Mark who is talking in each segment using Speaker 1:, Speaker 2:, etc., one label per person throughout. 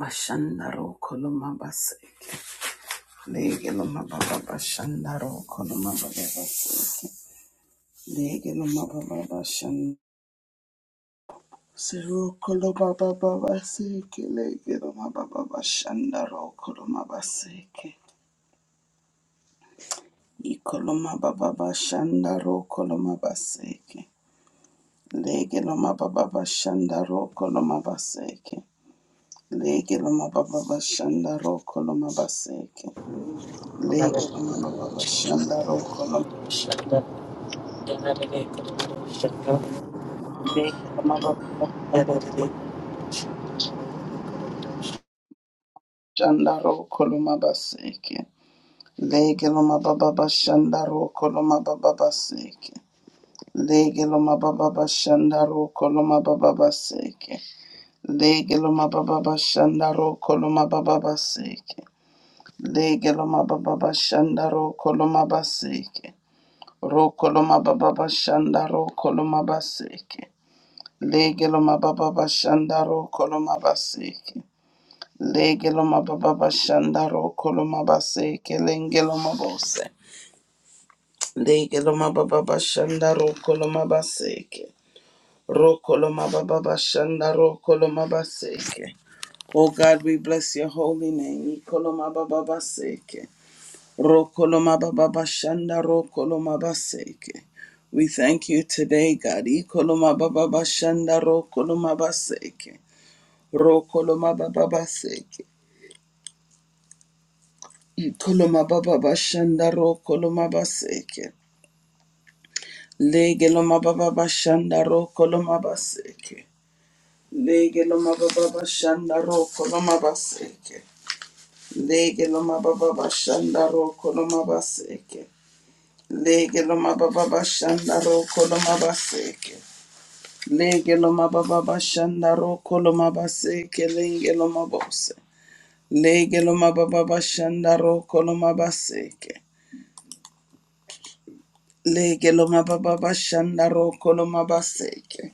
Speaker 1: Washandaro koloma basi, Lege loma baba bashandaro koloma baba base. Lege loma baba bashan. Zero koloma baba base. Lege loma baba bashandaro koloma basi, I koloma baba bashandaro koloma basi, Lege loma baba bashandaro koloma basi, Lege loma baba bashandaro koloma base.
Speaker 2: Good
Speaker 1: Lege
Speaker 2: morning.
Speaker 1: loma baba bashandaro Legelo mababa shandaro koloma baseke. Legelo mababa shandaro koloma baba baseke. Legelo mababa shandaro koloma baba baseke. Legelo mababa shandaro koloma baba baseke. Legelo mababa shandaro koloma baseke. Ro koloma baba shandaro koloma baseke. Legelo mababa shandaro koloma baseke. Legeloma baba bashanda koloma base kelengeloma bose. Legeloma baba bashanda ro koloma baseke. Ro koloma baba bashanda koloma baseke. Oh God, we bless your holy name. Ikoloma baba baseke. Ro koloma baba bashanda koloma baseke. We thank you today, God. Ikoloma baba bashanda koloma baseke. Ro koloma baba baseke. Koloma baba bashanda ro koloma baseke. Lege loma baba bashanda ro koloma baseke. Lege loma baba bashanda ro koloma baseke. Lege loma baba bashanda ro koloma baseke. Lege loma baba bashanda ro koloma baseke. Lege loma baba bashanda ro koloma baseke. Lege loma bose. Lege loma baba bashanda ro koloma baseke. Lege lo mababa bashanda roko lo mabaseke.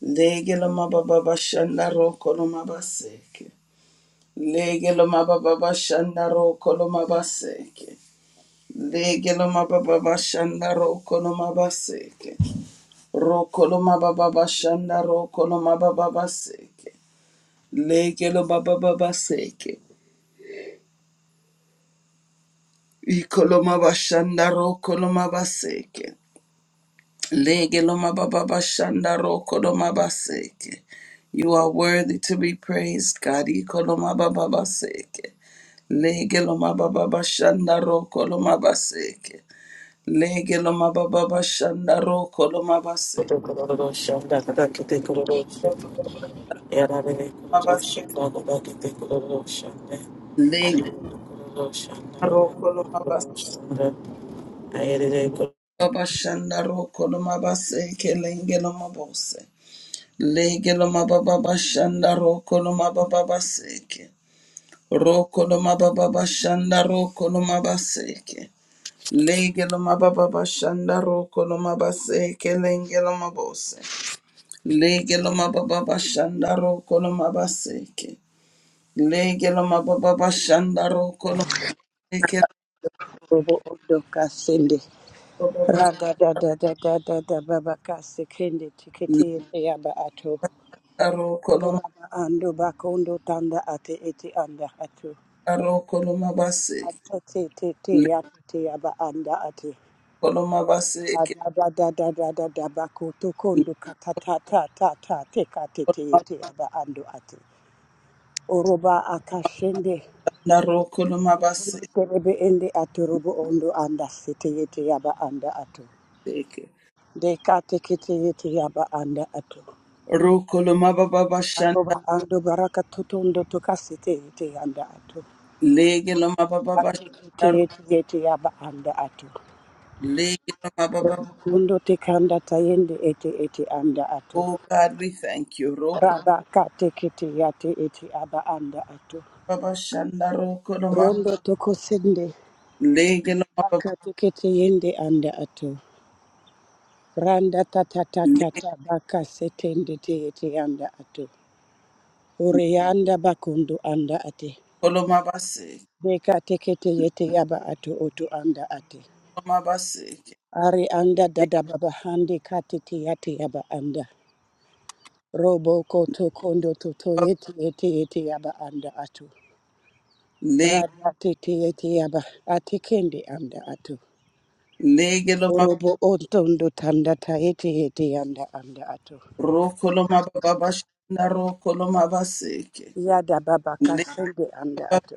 Speaker 1: Lege lo mababa bashanda roko lo mabaseke. Lege lo mababa bashanda roko lo mabaseke. Lege lo mababa bashanda roko lo mabaseke. Roko lo mababa bashanda roko lo mababa baseke. Lege lo mababa baseke. Iko lo mabashanda roko lo mabaseke. Lege loma baba bashanda roko loma baseke. You are worthy to be praised, God. Iko loma baba baseke. Lege loma baba bashanda roko loma baseke. Lege loma baba bashanda roko loma baseke. Lege roko loma bas- baba roko loma baseke. Lenge loma bose. Lege loma baba bashanda roko loma baba baseke. Roko no mababa bashanda roko no mabaseke. Lege no mababa bashanda roko no mabaseke lenge no mabose. Lege no mababa bashanda roko no mabaseke. Lege no mababa bashanda roko no mabaseke
Speaker 3: robo odo kasende
Speaker 1: mababa
Speaker 3: raga da da da da da da baba kasekende tikete
Speaker 1: lege
Speaker 3: yende yaba ato
Speaker 1: roko no
Speaker 3: Uraba ando bakondo tanda ate ete anda ato
Speaker 1: mababa roko no mabaseke.
Speaker 3: ate te te te
Speaker 1: Lege
Speaker 3: yaba te yaba anda ate
Speaker 1: no mabaseke
Speaker 3: raga da da da da da da bakoto kondo kata ta ta ta ta te kate te ete yaba ando ate oroba akashende
Speaker 1: na roko no mabaseke.
Speaker 3: terebe ende ato robo ondo anda sete yete yaba anda ato Deka tekete yete yaba anda ato.
Speaker 1: Roko no mababa bashanda
Speaker 3: Aroba ando baraka tutundo tukasite ete anda atu.
Speaker 1: lege no mababa
Speaker 3: Ate ete
Speaker 1: bashanda
Speaker 3: ete ete aba anda atu.
Speaker 1: Lego Baba Baba.
Speaker 3: Robukundo tekanda tayende ete ete anda atu.
Speaker 1: Oh God, we thank you. Roko
Speaker 3: Raba kate kete yate ete aba anda atu.
Speaker 1: Baba Shanda Roko Loma.
Speaker 3: Rondo tokosende
Speaker 1: Lego Baba
Speaker 3: baka tekete yende anda atu. Randa tata tata
Speaker 1: Lego
Speaker 3: tata baka setende te ete anda atu. Ore anda bakundu anda ate.
Speaker 1: Loma Base.
Speaker 3: Beka tekete yete yaba atu otu anda ate.
Speaker 1: Loma Base.
Speaker 3: Ari anda dada baba handi katiti yati yaba anda. Robo koto kondo toto yeti yeti yeti yaba anda atu.
Speaker 1: Lego
Speaker 3: Rada titi yeti yaba ati kendi anda atu.
Speaker 1: Lego Loma
Speaker 3: Orobo ontondo tanda ta yeti yeti anda anda atu.
Speaker 1: Roko Loma Baba Shanda Roko Loma Base.
Speaker 3: Yada baba
Speaker 1: Lego
Speaker 3: kasende anda atu.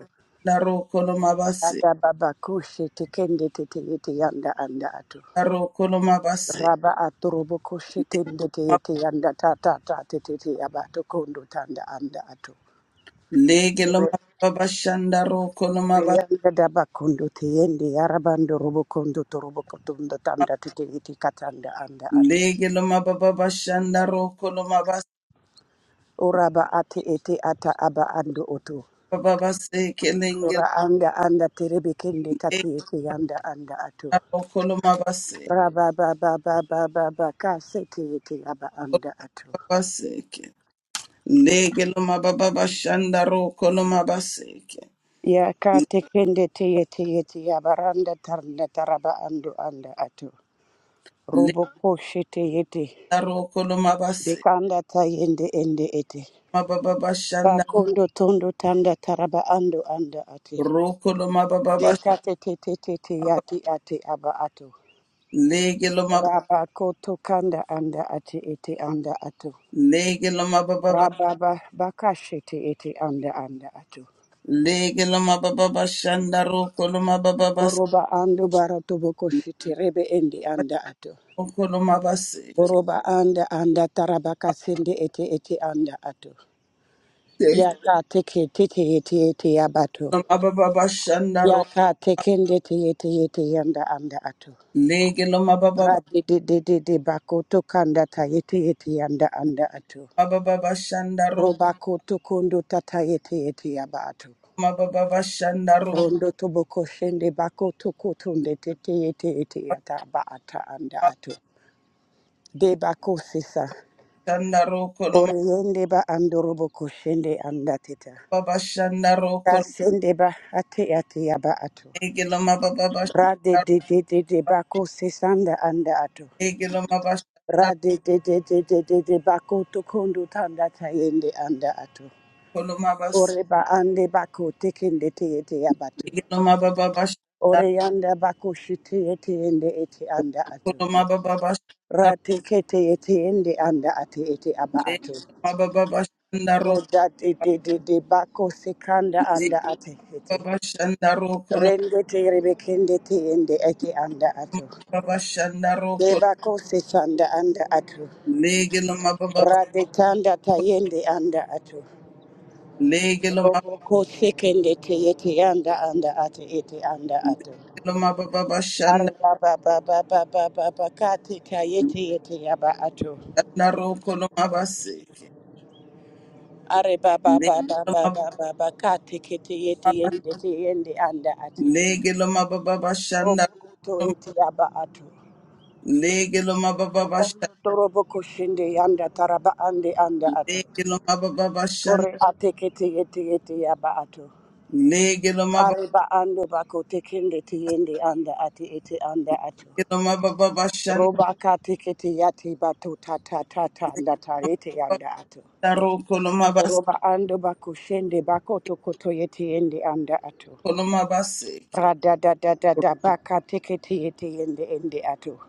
Speaker 1: Roko Loma Base.
Speaker 3: Yada baba kushi tikendi titi yeti yanda anda atu.
Speaker 1: La Roko Loma Base.
Speaker 3: Raba atu robo kushi
Speaker 1: Lego
Speaker 3: tindi
Speaker 1: Loma
Speaker 3: titi yanda ta ta ta titi yaba atu kondo tanda anda atu.
Speaker 1: Lege Loma Baba Shanda Roko Loma Base.
Speaker 3: Yanda daba bakundo te yende yarabando robo kondo to robo kotondo tanda tete iti katanda anda atu
Speaker 1: Lego Loma Baba Shanda Roko Loma Base.
Speaker 3: uraba ati ate ata aba ando oto.
Speaker 1: Baba Base. Lego
Speaker 3: Ora anda anda terebe kende kate ete anda anda atu
Speaker 1: Okoloma baseke
Speaker 3: Raba ba ba ba ba ba ba ka sete ete aba anda atu
Speaker 1: baseke. Lege loma baba bashanda ro koloma baseke.
Speaker 3: Ya ka te kende te ete ete yabaranda taranda taraba ando anda atu Robo koshi shete ete.
Speaker 1: Leda ro koloma baseke.
Speaker 3: Dekanda ta yende ende ete.
Speaker 1: Mababa bashanda
Speaker 3: Bakondo tondo tanda taraba ando anda ate.
Speaker 1: ro koloma baba
Speaker 3: Dekate te te te te
Speaker 1: bashanda.
Speaker 3: yati ate aba ato.
Speaker 1: Lege loma ba-
Speaker 3: Raba koto kanda anda ate ete anda ato.
Speaker 1: lege loma baba
Speaker 3: Rababa bakashete ete anda anda ato.
Speaker 1: lege loma baba bashanda ro koloma baba bas.
Speaker 3: Oroba ando barato boko shete rebe endi anda ato.
Speaker 1: koloma baseke.
Speaker 3: Oroba anda anda taraba kasende ete ete anda ato.
Speaker 1: Lege
Speaker 3: Yaka teke tete ete ete abato.
Speaker 1: loma baba bashanda ro.
Speaker 3: Yaka tekende te ete ete yanda anda ato.
Speaker 1: Lege loma baba
Speaker 3: Radi de, de, de, de, Radididididi bakoto kanda tayete yete yete anda anda ato.
Speaker 1: baba bashanda ro.
Speaker 3: Robakoto kondo tata yete yete yaba ato.
Speaker 1: Mababa
Speaker 3: Rondo to boko shende bakoto kotonde tete yete yete yata ba ata anda ato. De bako sisa.
Speaker 1: bashanda ro
Speaker 3: Oriende ba andoro boko shende anda teta.
Speaker 1: baba shanda roko
Speaker 3: Kasende ba ate ate yaba ato.
Speaker 1: egelo ma baba baba
Speaker 3: Radi
Speaker 1: shanda
Speaker 3: de, de de de bako sisanda anda ato.
Speaker 1: egelo ma baba shanda
Speaker 3: Radi de. de de de de de bako tokondo tanda tayende anda ato.
Speaker 1: baba
Speaker 3: Ore ba ande bako tekende te ete abatu.
Speaker 1: egelo ma baba baba shanda
Speaker 3: Ore yanda bako shite ete ende ete anda atu.
Speaker 1: baba baba
Speaker 3: Rate kete ete ende anda ate ete aba atu.
Speaker 1: baba baba shanda
Speaker 3: Roda de de de de bako sekanda anda ate ete.
Speaker 1: baba shanda roko
Speaker 3: Rende te rebekende te ende ete anda atu.
Speaker 1: baba shanda roko
Speaker 3: De bako se tanda anda atu.
Speaker 1: baba baba
Speaker 3: Rade tanda tayende anda atu.
Speaker 1: legelo ma
Speaker 3: Roboko sekende te ete anda anda ate ete anda atu.
Speaker 1: legelo ma baba baba
Speaker 3: Are baba baba baba baba kati kayeti yeti yaba ato.
Speaker 1: baba seke
Speaker 3: Are baba baba
Speaker 1: legelo baba
Speaker 3: baba baba kati kiti yeti yeti yeti yendi anda ato. Robo kuto yeti yaba ato. Ono torobo kushinde yanda taraba ande anda ato.
Speaker 1: Legelo mababa bashan,
Speaker 3: Ore ate kiti yeti yeti yaba ato.
Speaker 1: legelo mababa
Speaker 3: Are ba ando bako tekende tiyende anda ati eti anda ato.
Speaker 1: mababa bashan,
Speaker 3: Roba kati kiti yati batu tata tata ndatare anda tarete anda ato.
Speaker 1: legelo kolo mabas
Speaker 3: Roba ando bakushende bakoto koto yete ende anda ato.
Speaker 1: kolo mabaseke.
Speaker 3: Rada da da da da baka tekete yete ende ende ato.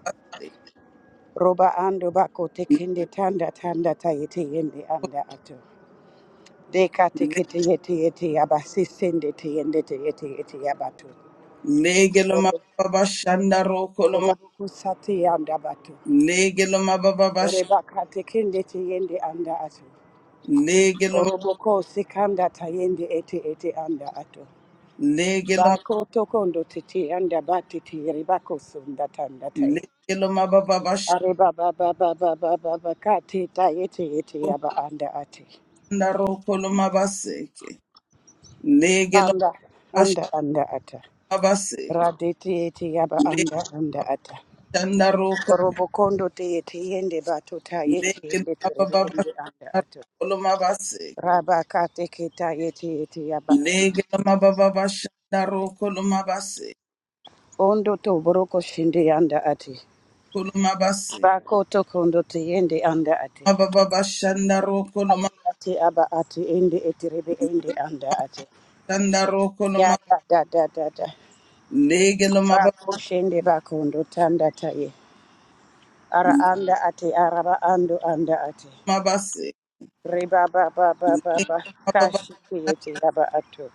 Speaker 3: Roba ando bako tekende tanda tanda ta yete ende anda ato. Deka tekete yete yete yabasi sende te yende te yete yete yabato.
Speaker 1: Legelo
Speaker 3: Oro-
Speaker 1: mababa bashan daro kolo ma,
Speaker 3: Robo kusate yanda bato.
Speaker 1: legelo mababa bash,
Speaker 3: Ore baka tekende te yende anda ato.
Speaker 1: legelo
Speaker 3: Oroboko sekanda tayende ete ete anda ato.
Speaker 1: legelo
Speaker 3: Bako tokondo titi anda batiti ribako sunda tanda tai.
Speaker 1: legelo mababa bashan
Speaker 3: Ariba ba ba ba ba ba ba ba kati tayeti eti yaba anda ati.
Speaker 1: daro kolo mabaseke. Legelo
Speaker 3: Anda
Speaker 1: bash
Speaker 3: anda anda ata.
Speaker 1: mabaseke,
Speaker 3: Raditi eti yaba
Speaker 1: legelo
Speaker 3: anda anda ata.
Speaker 1: daro kolo
Speaker 3: Robokondo te eti yende bato tayeti
Speaker 1: legelo
Speaker 3: yende terebe
Speaker 1: mababa
Speaker 3: ende
Speaker 1: bashan
Speaker 3: anda ato.
Speaker 1: kolo mabaseke.
Speaker 3: Raba kate kita yeti eti yaba ati.
Speaker 1: Legelomabababashandarokolomabase,
Speaker 3: Ondo to boroko shinde anda ati.
Speaker 1: kolomabase,
Speaker 3: Bako tokondo te yende anda ati. ati
Speaker 1: mabababashandarokolomabashandarokoloma-
Speaker 3: ati aba ati ende ete ribi ende anda ati ya da da da da da
Speaker 1: legelomaba-
Speaker 3: bako shende bako tanda taye ara anda ati araba ando anda ati
Speaker 1: legelomabase,
Speaker 3: riba ba ba ba ba ba
Speaker 1: legelomababa-
Speaker 3: kashi kiyete aba ato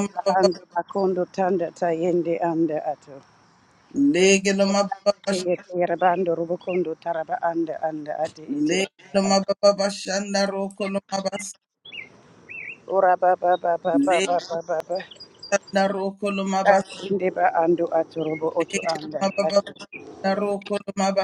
Speaker 3: reba ando bakondo tanda tayende anda ato te
Speaker 1: legelomabababas-
Speaker 3: yete yaraba ando rubo taraba anda anda ati ete anda ato
Speaker 1: legelomabababashandarokolomabase,
Speaker 3: ora ba ba ba ba ba
Speaker 1: legelomabase,
Speaker 3: ba ba ba ba.
Speaker 1: legelomabababashandarokolomabase,
Speaker 3: Ashinde ba ando atu rubu oto anda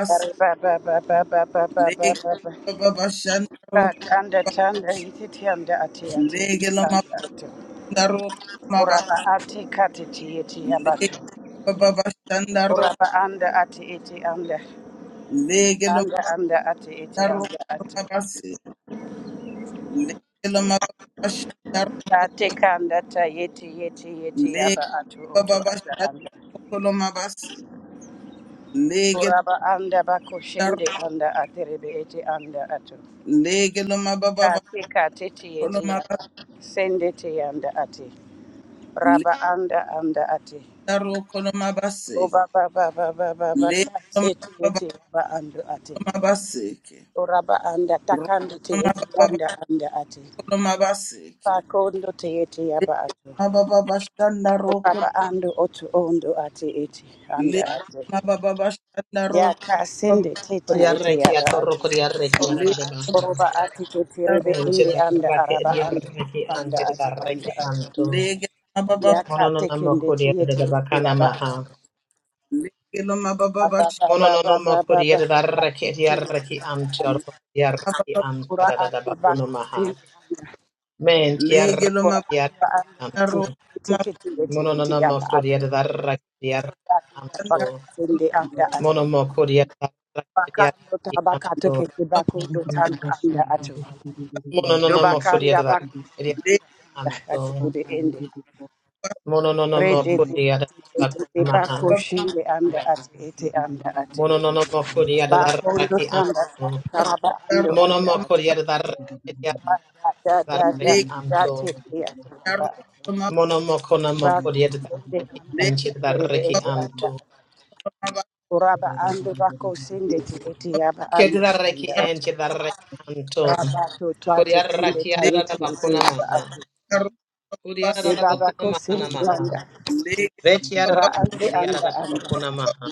Speaker 3: Tanda
Speaker 1: legelomabababashandaro-
Speaker 3: tanda iti tianda ati ati anda atu.
Speaker 1: legelomabababashandarokolomabase,
Speaker 3: Uraba ati kati ti iti abatu.
Speaker 1: Baba Shandaro,
Speaker 3: Uraba anda ati iti anda.
Speaker 1: Legelo
Speaker 3: Anda anda ati iti
Speaker 1: Daro
Speaker 3: anda atu.
Speaker 1: Babasi, Legelo Mababa Shandaro,
Speaker 3: Ati kanda ta yeti yeti yeti aba atu
Speaker 1: Legelo
Speaker 3: utu
Speaker 1: Baba
Speaker 3: ata anda.
Speaker 1: Shandaro Kolomabasi, Legelo
Speaker 3: Uraba anda bako
Speaker 1: Daro,
Speaker 3: shende anda ati aterebe iti anda atu.
Speaker 1: Legelo Mababa
Speaker 3: Ati kati ti iti aba.
Speaker 1: Kolomabasi,
Speaker 3: Sende ti anda ati. Raba anda anda ati.
Speaker 1: Legaro Kolomabasi,
Speaker 3: Oba ba ba ba ba ba ba ka
Speaker 1: Legelo
Speaker 3: se tu
Speaker 1: Mababa
Speaker 3: ete ba ando ate.
Speaker 1: Kolomabaseke,
Speaker 3: Ora anda takando te ete
Speaker 1: Mababa
Speaker 3: anda anda ate.
Speaker 1: Kolomabaseke,
Speaker 3: Pa kondo te ete yaba ba ato.
Speaker 1: Mababa Shandaro,
Speaker 3: Ora ba ando otu ondo ate ete anda
Speaker 1: Legelo
Speaker 3: ate.
Speaker 1: Mababa
Speaker 3: Ya
Speaker 1: Shandaro,
Speaker 3: ka sende te te ete
Speaker 4: Koriarreki
Speaker 3: ya ba
Speaker 4: atorro
Speaker 3: ato.
Speaker 4: koriarreki arare baha.
Speaker 1: Legelo
Speaker 3: Oroba ate te te rebe
Speaker 4: Monte
Speaker 3: inde anda
Speaker 4: barrake
Speaker 3: araba ando
Speaker 4: ediarreki
Speaker 3: otu anda
Speaker 4: anke de
Speaker 3: ate anda
Speaker 4: barreki
Speaker 3: ato.
Speaker 4: anto.
Speaker 1: Legelo
Speaker 3: Ya ka
Speaker 4: Mono no namo
Speaker 3: tekende te
Speaker 4: koriere
Speaker 3: ete
Speaker 4: de
Speaker 3: ete
Speaker 4: bakana
Speaker 3: ya ba
Speaker 4: maha.
Speaker 3: ato.
Speaker 1: Legelo mababa
Speaker 3: Aba
Speaker 1: basha.
Speaker 3: ba
Speaker 4: Mono
Speaker 3: ba
Speaker 4: no namo
Speaker 3: ba ba ba
Speaker 4: koriere da reki
Speaker 3: ba.
Speaker 4: ediarreki anto arro koriarreki anta
Speaker 3: Kura
Speaker 4: da da da
Speaker 3: ande
Speaker 4: bakuna maha.
Speaker 3: bakusi anda.
Speaker 4: Menti
Speaker 1: Legelo
Speaker 3: Kura
Speaker 4: arreki
Speaker 3: anda anda ati.
Speaker 1: mabaro
Speaker 4: anto.
Speaker 3: Tikiti
Speaker 5: Thank
Speaker 3: eti
Speaker 4: Mono no
Speaker 3: eti
Speaker 4: namo
Speaker 3: yaba atu.
Speaker 4: koriere da reki ediarreki
Speaker 3: Atu
Speaker 4: anto.
Speaker 1: mabanda.
Speaker 3: baka sende anda atu.
Speaker 4: Mono mo koriere da reki
Speaker 3: Baka ando
Speaker 4: ediarreki
Speaker 3: tabaka
Speaker 4: anto.
Speaker 3: tikiti baku ndo tanda anda atu.
Speaker 4: Mono no namo
Speaker 3: Dubaka anda
Speaker 4: koriere da
Speaker 3: baku
Speaker 4: reki ediarreki
Speaker 1: Legelo
Speaker 4: anto.
Speaker 3: kude ende.
Speaker 4: Mononomo
Speaker 3: Rede de
Speaker 4: Kodiada
Speaker 3: de de de bako
Speaker 4: Bakunamaha.
Speaker 1: mabaro
Speaker 3: anda ati eti anda ati.
Speaker 4: Mononomo Kodiada
Speaker 3: Bako
Speaker 4: Daraki
Speaker 3: tanda
Speaker 4: Anto.
Speaker 3: karaba ando anda
Speaker 4: Monomo
Speaker 3: ati.
Speaker 4: Kodiada
Speaker 3: Da da da da
Speaker 4: Daraki
Speaker 1: legelo
Speaker 3: da
Speaker 4: Anto.
Speaker 3: te te
Speaker 1: mabaro
Speaker 3: ati.
Speaker 4: Monomo Konamo
Speaker 3: bako
Speaker 4: Kodiada
Speaker 3: sende
Speaker 4: Daraki
Speaker 3: anda
Speaker 1: legelo
Speaker 4: Enchid
Speaker 3: terebe
Speaker 4: Daraki
Speaker 3: ete anda
Speaker 4: Anto.
Speaker 1: mabaro
Speaker 3: uraba ando bako sende te ete yaba anda anda
Speaker 4: Kedaraki
Speaker 3: ato
Speaker 4: Enchid Daraki Anto.
Speaker 3: raba to twate kinde
Speaker 4: Kodiaraki
Speaker 3: tayete
Speaker 4: Adada
Speaker 3: ete yaba
Speaker 4: Bakunamaha.
Speaker 3: ato
Speaker 1: legelo
Speaker 3: de
Speaker 1: base.
Speaker 4: Kodiada
Speaker 3: baba ko
Speaker 4: Bakunamaha
Speaker 3: sende anda
Speaker 4: Namaha.
Speaker 1: Legelo
Speaker 3: ra
Speaker 4: Vetiaraki
Speaker 3: ande anda
Speaker 4: Adiada
Speaker 3: anda
Speaker 4: Bakunamaha.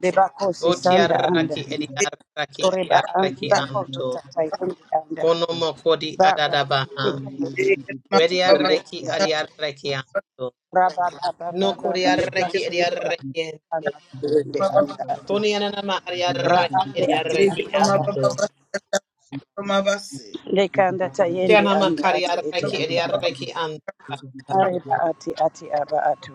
Speaker 3: de bako se sanda anda
Speaker 4: Votiaraki Adiaraki
Speaker 3: oreba andi
Speaker 4: Adiaraki
Speaker 3: bako do
Speaker 4: amto.
Speaker 3: tatay ende anda
Speaker 4: Kono mokodi
Speaker 3: baba ko se
Speaker 4: adadabaha.
Speaker 3: kende te
Speaker 1: legelo
Speaker 3: ete
Speaker 1: mababa
Speaker 3: yende
Speaker 1: bash.
Speaker 4: Bediareki
Speaker 3: anda ato
Speaker 4: adiareki anto.
Speaker 3: raba baba
Speaker 4: No
Speaker 3: baba baba
Speaker 4: kodiareki
Speaker 1: legelo
Speaker 3: kashende
Speaker 4: adiareki ente.
Speaker 3: anda
Speaker 1: mababa
Speaker 3: anda
Speaker 5: you.
Speaker 3: ato
Speaker 4: Koni ananama
Speaker 5: Thank
Speaker 3: Ra
Speaker 4: adiareki
Speaker 3: ande ati
Speaker 4: adiareki
Speaker 3: ati
Speaker 1: legelo
Speaker 3: aba.
Speaker 1: mababa
Speaker 4: anto.
Speaker 1: basha mabase.
Speaker 3: Lekanda tayende
Speaker 4: Kianama
Speaker 3: anda ati iti
Speaker 4: kariareki
Speaker 3: aba.
Speaker 4: adiareki anto.
Speaker 3: Areba
Speaker 4: adadabaha.
Speaker 3: ati ati aba atu.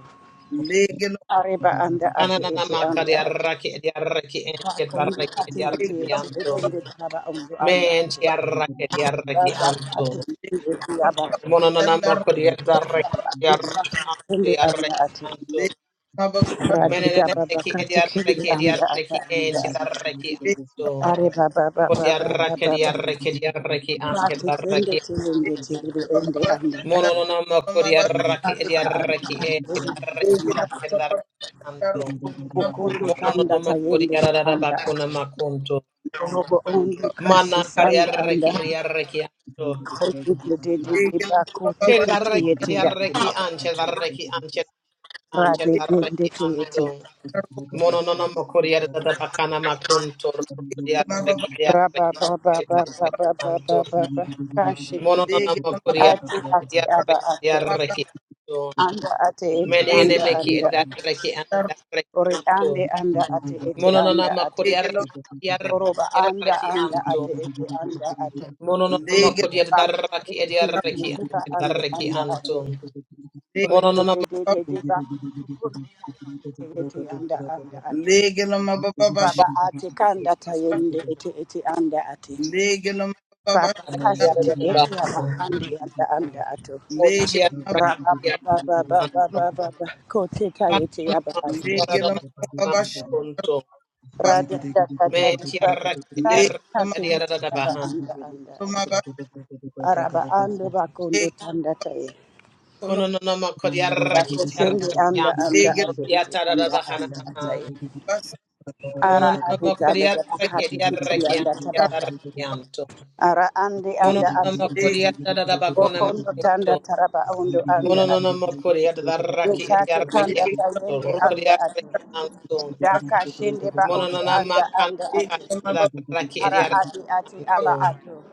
Speaker 1: Legelo
Speaker 3: Areba anda ati iti
Speaker 4: Kananama
Speaker 3: anda ati.
Speaker 4: kariareki adiareki ente.
Speaker 3: Kakundu
Speaker 4: Vareki
Speaker 3: ati iti
Speaker 4: adiareki
Speaker 3: iti
Speaker 1: legelo
Speaker 4: anto.
Speaker 3: lebende taraba undu anda
Speaker 4: Men
Speaker 3: ati.
Speaker 4: tiareki adiareki
Speaker 3: Raza
Speaker 4: anto.
Speaker 3: ati
Speaker 1: legelo
Speaker 3: iti iti aba.
Speaker 1: mabanda
Speaker 4: Mononanama kodiareki adiareki anto.
Speaker 3: Kende anda
Speaker 4: Adiareki
Speaker 3: ati.
Speaker 4: anto.
Speaker 1: legelo mababa basha
Speaker 3: Radida baba
Speaker 4: Meneneneki
Speaker 3: kati kende
Speaker 4: ediarreki
Speaker 3: anda ata
Speaker 4: ediarreki
Speaker 3: anda
Speaker 4: enti
Speaker 3: ati.
Speaker 4: darreki
Speaker 1: legelo
Speaker 4: anto.
Speaker 3: Areba baba baba baba
Speaker 4: Kodiarraki
Speaker 3: baba.
Speaker 4: ediarreki ediarreki anti
Speaker 3: Kati kende
Speaker 4: darreki.
Speaker 3: tilende tilende anda ati.
Speaker 4: Mononoma
Speaker 1: mababa
Speaker 4: kodiarraki ediarreki enti darreki anti darreki
Speaker 1: basha
Speaker 4: anto.
Speaker 1: mabase.
Speaker 3: Bokondo tanda
Speaker 4: Mononoma
Speaker 3: tayende
Speaker 4: kodiarada
Speaker 3: anda
Speaker 4: bakuna
Speaker 3: ate.
Speaker 4: makunto.
Speaker 3: robo ondu kasi
Speaker 4: Mana
Speaker 3: sanda
Speaker 4: kariarreki
Speaker 3: anda
Speaker 4: ediarreki anto.
Speaker 3: kote dede dede
Speaker 5: you.
Speaker 3: bako
Speaker 4: Kedi
Speaker 3: teke
Speaker 5: Thank
Speaker 4: darreki
Speaker 3: teyete yate
Speaker 4: ediarreki anti
Speaker 3: yabato
Speaker 4: darreki anti anti
Speaker 3: rade gende
Speaker 4: darreki
Speaker 3: teyete
Speaker 4: anto. Mono no no mokoria da da bakana makunto rokoria rekiria
Speaker 3: raba baba
Speaker 4: rekiria
Speaker 3: baba baba baba
Speaker 4: rekianto.
Speaker 3: baba kashi
Speaker 4: Mono no no mokoria
Speaker 3: ati ati
Speaker 4: rekiria
Speaker 3: aba
Speaker 4: rekiria
Speaker 3: ato
Speaker 4: rekianto.
Speaker 3: anda ate ete
Speaker 4: Mene ene
Speaker 3: anda
Speaker 4: meki
Speaker 3: anda
Speaker 4: edar
Speaker 3: ato
Speaker 4: rekianto
Speaker 3: ore
Speaker 4: rekianto.
Speaker 3: ande anda ate ete
Speaker 4: Mono no no
Speaker 3: anda ato
Speaker 4: mokoria rekiria
Speaker 3: Oroba,
Speaker 4: rekiria
Speaker 3: anda anda ate
Speaker 4: rekianto.
Speaker 3: ete anda ate.
Speaker 4: Mono no no mokoria da
Speaker 3: Eba ete kili kili kipa
Speaker 4: da
Speaker 3: anda anda
Speaker 4: rekianto.
Speaker 3: ate.
Speaker 4: Mono no
Speaker 3: Orete
Speaker 4: no
Speaker 3: de de de de ba. Kukuru ete ete anda anda ate. Baba ate kanda tayende
Speaker 5: you.
Speaker 3: ete ete anda ate. Papa
Speaker 4: da
Speaker 3: kasete
Speaker 4: da ba.
Speaker 3: ete yaba
Speaker 5: Ziggy,
Speaker 3: handi anda anda ato. Raba baba baba
Speaker 4: Mono
Speaker 3: baba baba. Kote tayete
Speaker 4: no no
Speaker 3: yaba ato.
Speaker 4: mokoria da da ba. Untiere kuriere anto.
Speaker 3: Rada da da da
Speaker 4: Men
Speaker 3: da baba.
Speaker 4: tiaraki
Speaker 3: Kate
Speaker 4: diaraki
Speaker 3: kate ete yaba
Speaker 4: diaradabaha.
Speaker 3: anda anda ate. araba anda bakondo tanda taye
Speaker 4: Kononoma kodiaraki
Speaker 3: bako shende
Speaker 4: diarakian.
Speaker 3: anda anda afiriti anda
Speaker 4: Rotiatarabahana.
Speaker 3: anda ataye ara
Speaker 4: Mononoma
Speaker 3: adita da da
Speaker 4: kodiaraki
Speaker 3: bakati kiti
Speaker 4: diarakian
Speaker 3: anda tabaha
Speaker 4: diarakianto.
Speaker 3: ara ande anda
Speaker 4: Mononoma
Speaker 3: ate
Speaker 4: kodiaradabakona
Speaker 3: bokondo
Speaker 4: makunto.
Speaker 3: tanda taraba ondo anda ati.
Speaker 4: Mononoma kodiaraki
Speaker 3: yekate kanda
Speaker 4: diarakianto.
Speaker 3: tayende anda ati,
Speaker 4: Rokodiarakianto.
Speaker 5: Thank
Speaker 3: daka shende ba oto
Speaker 4: Mononoma
Speaker 3: anda anda ati.
Speaker 4: kanaki
Speaker 3: ara ati ati
Speaker 4: diarakianto.
Speaker 3: aba ato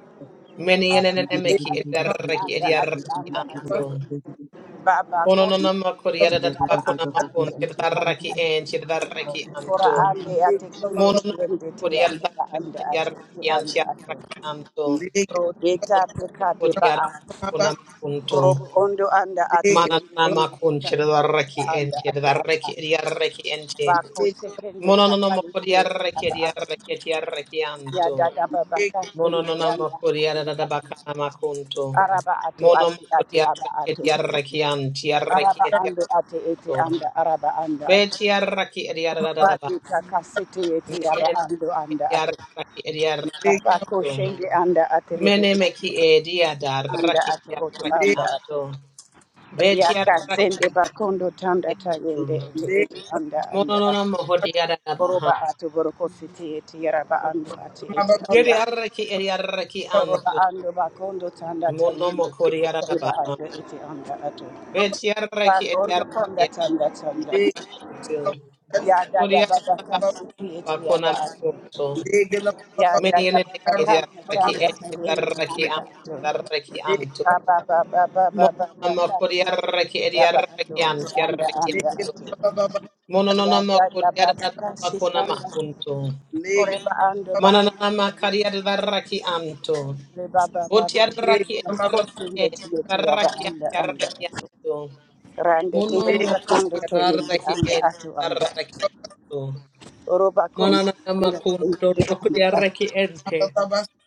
Speaker 4: Many
Speaker 3: ara anda
Speaker 4: enenemeki
Speaker 3: ate
Speaker 4: diaraki
Speaker 3: anda ati anda
Speaker 4: diarakianto.
Speaker 3: ati. Baba kote
Speaker 4: Mononama
Speaker 3: kiti
Speaker 4: Korea da
Speaker 3: yaba
Speaker 4: Bakuna
Speaker 3: anda ate
Speaker 4: Makun,
Speaker 3: ete anda
Speaker 4: Chedaraki and
Speaker 3: ate.
Speaker 4: Chedaraki
Speaker 3: Ora
Speaker 4: Anto.
Speaker 3: ande ate kende
Speaker 4: Mononama
Speaker 3: kiende te
Speaker 4: Korea
Speaker 3: anda
Speaker 4: da
Speaker 3: ba anda ate ete
Speaker 4: Yaraki
Speaker 3: anda ate.
Speaker 4: Antiaraki Anto.
Speaker 3: Ro deta te
Speaker 4: Mononama
Speaker 3: kade ba
Speaker 4: Korea
Speaker 3: a.
Speaker 4: Bakuna
Speaker 3: Oro
Speaker 4: Makunto.
Speaker 3: ondo anda ate ende
Speaker 4: Mananama Kun
Speaker 3: hita ete yaba
Speaker 4: Chedaraki and
Speaker 3: anda ate aba a.
Speaker 4: Chedaraki Yaraki
Speaker 3: Ba
Speaker 4: Ente.
Speaker 3: kote kende tata
Speaker 4: Mononama
Speaker 3: ete
Speaker 4: Korea
Speaker 3: ete
Speaker 4: Raki
Speaker 3: yaba ate.
Speaker 4: Yaraki Yaraki
Speaker 3: Ya
Speaker 4: Anto.
Speaker 3: dada baba kende
Speaker 4: Mononama
Speaker 3: yanda
Speaker 4: Korea
Speaker 3: anda
Speaker 4: da
Speaker 3: ate.
Speaker 4: Bakana Makunto.
Speaker 3: Araba ato
Speaker 4: Mononama
Speaker 3: ate ate
Speaker 4: Korea
Speaker 3: aba
Speaker 4: Raki
Speaker 3: ato.
Speaker 4: Yaraki
Speaker 3: Araba
Speaker 4: Antiaraki
Speaker 3: ando ate ete
Speaker 4: Anto.
Speaker 3: anda araba anda
Speaker 4: Beti arraki ediaradadaba.
Speaker 3: Rajika kasete yeti
Speaker 4: Mene
Speaker 3: yaba ando anda ato.
Speaker 4: ediarraki ediarraki
Speaker 6: Thank
Speaker 3: Bako shende anda aterebe
Speaker 4: Mene meki
Speaker 3: anda
Speaker 4: ediadarraki
Speaker 3: ato oto
Speaker 4: ediarraki
Speaker 1: Legal,
Speaker 3: anda
Speaker 4: anto.
Speaker 3: ato.
Speaker 4: Beti
Speaker 3: Yaka
Speaker 4: arraki
Speaker 3: sende bakondo tanda
Speaker 4: ediarraki.
Speaker 3: tayende ete ete anda anda
Speaker 4: Mononono
Speaker 3: ato.
Speaker 4: moho diaradabaha.
Speaker 3: Oroba ato boroko sete yeti yaraba ando ate ete
Speaker 4: Yedi
Speaker 3: anda.
Speaker 4: arraki ediarraki
Speaker 3: Oroba
Speaker 4: anto.
Speaker 3: ando bakondo tanda
Speaker 4: Mono
Speaker 3: tayende
Speaker 4: moko
Speaker 3: ete eba
Speaker 4: diaradabaha.
Speaker 3: ando ete anda ato.
Speaker 4: Beti arraki
Speaker 3: Bakondo
Speaker 4: ediarraki
Speaker 3: konda tanda tanda.
Speaker 4: arraki anto.
Speaker 3: Ya dada baba
Speaker 4: Kodiaradabaha
Speaker 3: kasete yeti
Speaker 4: kona
Speaker 3: yaba ato.
Speaker 4: makunto.
Speaker 3: Ya
Speaker 4: Mene
Speaker 3: daga
Speaker 4: meki
Speaker 3: baba kanda
Speaker 4: ediarraki
Speaker 3: tanda sayende
Speaker 4: ediarraki
Speaker 3: anda
Speaker 4: anto.
Speaker 3: to.
Speaker 4: Darraki anto.
Speaker 3: Baba baba baba baba
Speaker 4: Mononama
Speaker 3: kasi
Speaker 4: kodiaraki
Speaker 3: ya ba ando
Speaker 4: ediarakian
Speaker 3: oto anda anda
Speaker 4: tiarakianto.
Speaker 3: to. Ya
Speaker 4: Mononama
Speaker 3: daga baba kasi
Speaker 4: kodiarabakona
Speaker 3: tanda
Speaker 4: makunto.
Speaker 3: ore ba ando bako
Speaker 4: Mananama kadiaraki anto.
Speaker 3: re baba baba.
Speaker 4: Otiaraki ediaraki
Speaker 3: Kosinde tiyo te ya ba
Speaker 4: tarakian
Speaker 3: anda anda to.
Speaker 4: tiarakianto.
Speaker 3: Rande te
Speaker 4: Monomo
Speaker 3: roba kando to yende
Speaker 4: kodiaraki
Speaker 3: anda
Speaker 4: en
Speaker 3: ato anda. Oroba kosi
Speaker 4: Mananama
Speaker 3: anda to
Speaker 4: kunto
Speaker 3: yende anda ato.
Speaker 4: rokodiaraki ente.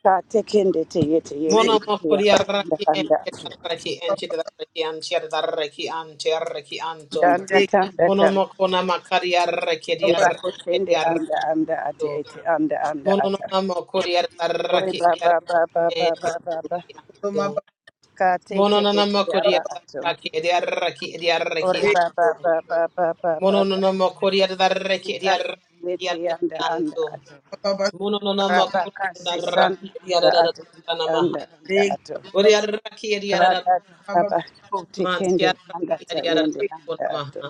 Speaker 3: Ka tekende te yete yete
Speaker 4: Mono
Speaker 3: ya
Speaker 4: mokori
Speaker 3: ba anda
Speaker 4: arraki
Speaker 3: anda
Speaker 4: enti
Speaker 3: to.
Speaker 4: arraki enti arraki anti arraki anti arraki anto.
Speaker 3: Danda tanda
Speaker 4: Mono
Speaker 3: tanda.
Speaker 4: mokona makari arraki di
Speaker 3: Deba
Speaker 4: arraki di
Speaker 3: kotende
Speaker 4: arraki.
Speaker 3: anda anda ate ete anda anda
Speaker 4: Mono
Speaker 3: ata.
Speaker 4: nana mokori
Speaker 3: Ore
Speaker 4: arraki
Speaker 3: ba
Speaker 4: di
Speaker 3: ba
Speaker 4: arraki
Speaker 3: ba ba
Speaker 4: enti
Speaker 3: ba ba ba ba.
Speaker 4: arraki anto.
Speaker 3: Ka te
Speaker 4: Mono
Speaker 3: te
Speaker 4: nana
Speaker 3: ete
Speaker 4: mokori
Speaker 3: aba ato.
Speaker 4: arraki di arraki di arraki
Speaker 3: Ore ba ba
Speaker 4: anto.
Speaker 3: ba ba ba ba ba
Speaker 4: Mono
Speaker 3: ba.
Speaker 4: nana mokori arraki di
Speaker 3: Ita
Speaker 4: arraki
Speaker 3: te
Speaker 4: di
Speaker 3: ete
Speaker 4: arraki
Speaker 3: anda anda
Speaker 4: anto.
Speaker 3: ato.
Speaker 4: Mono nana
Speaker 3: Raba ka
Speaker 4: mokori
Speaker 3: se
Speaker 4: arraki
Speaker 3: sanda
Speaker 4: di
Speaker 3: anda ato ete anda anda ato.
Speaker 4: arraki anto.
Speaker 3: Rada raba kote
Speaker 4: Man
Speaker 3: kende anda
Speaker 4: tiaraki
Speaker 3: ta
Speaker 4: adiara
Speaker 3: yende
Speaker 4: bakuna
Speaker 3: anda ato.
Speaker 4: maha.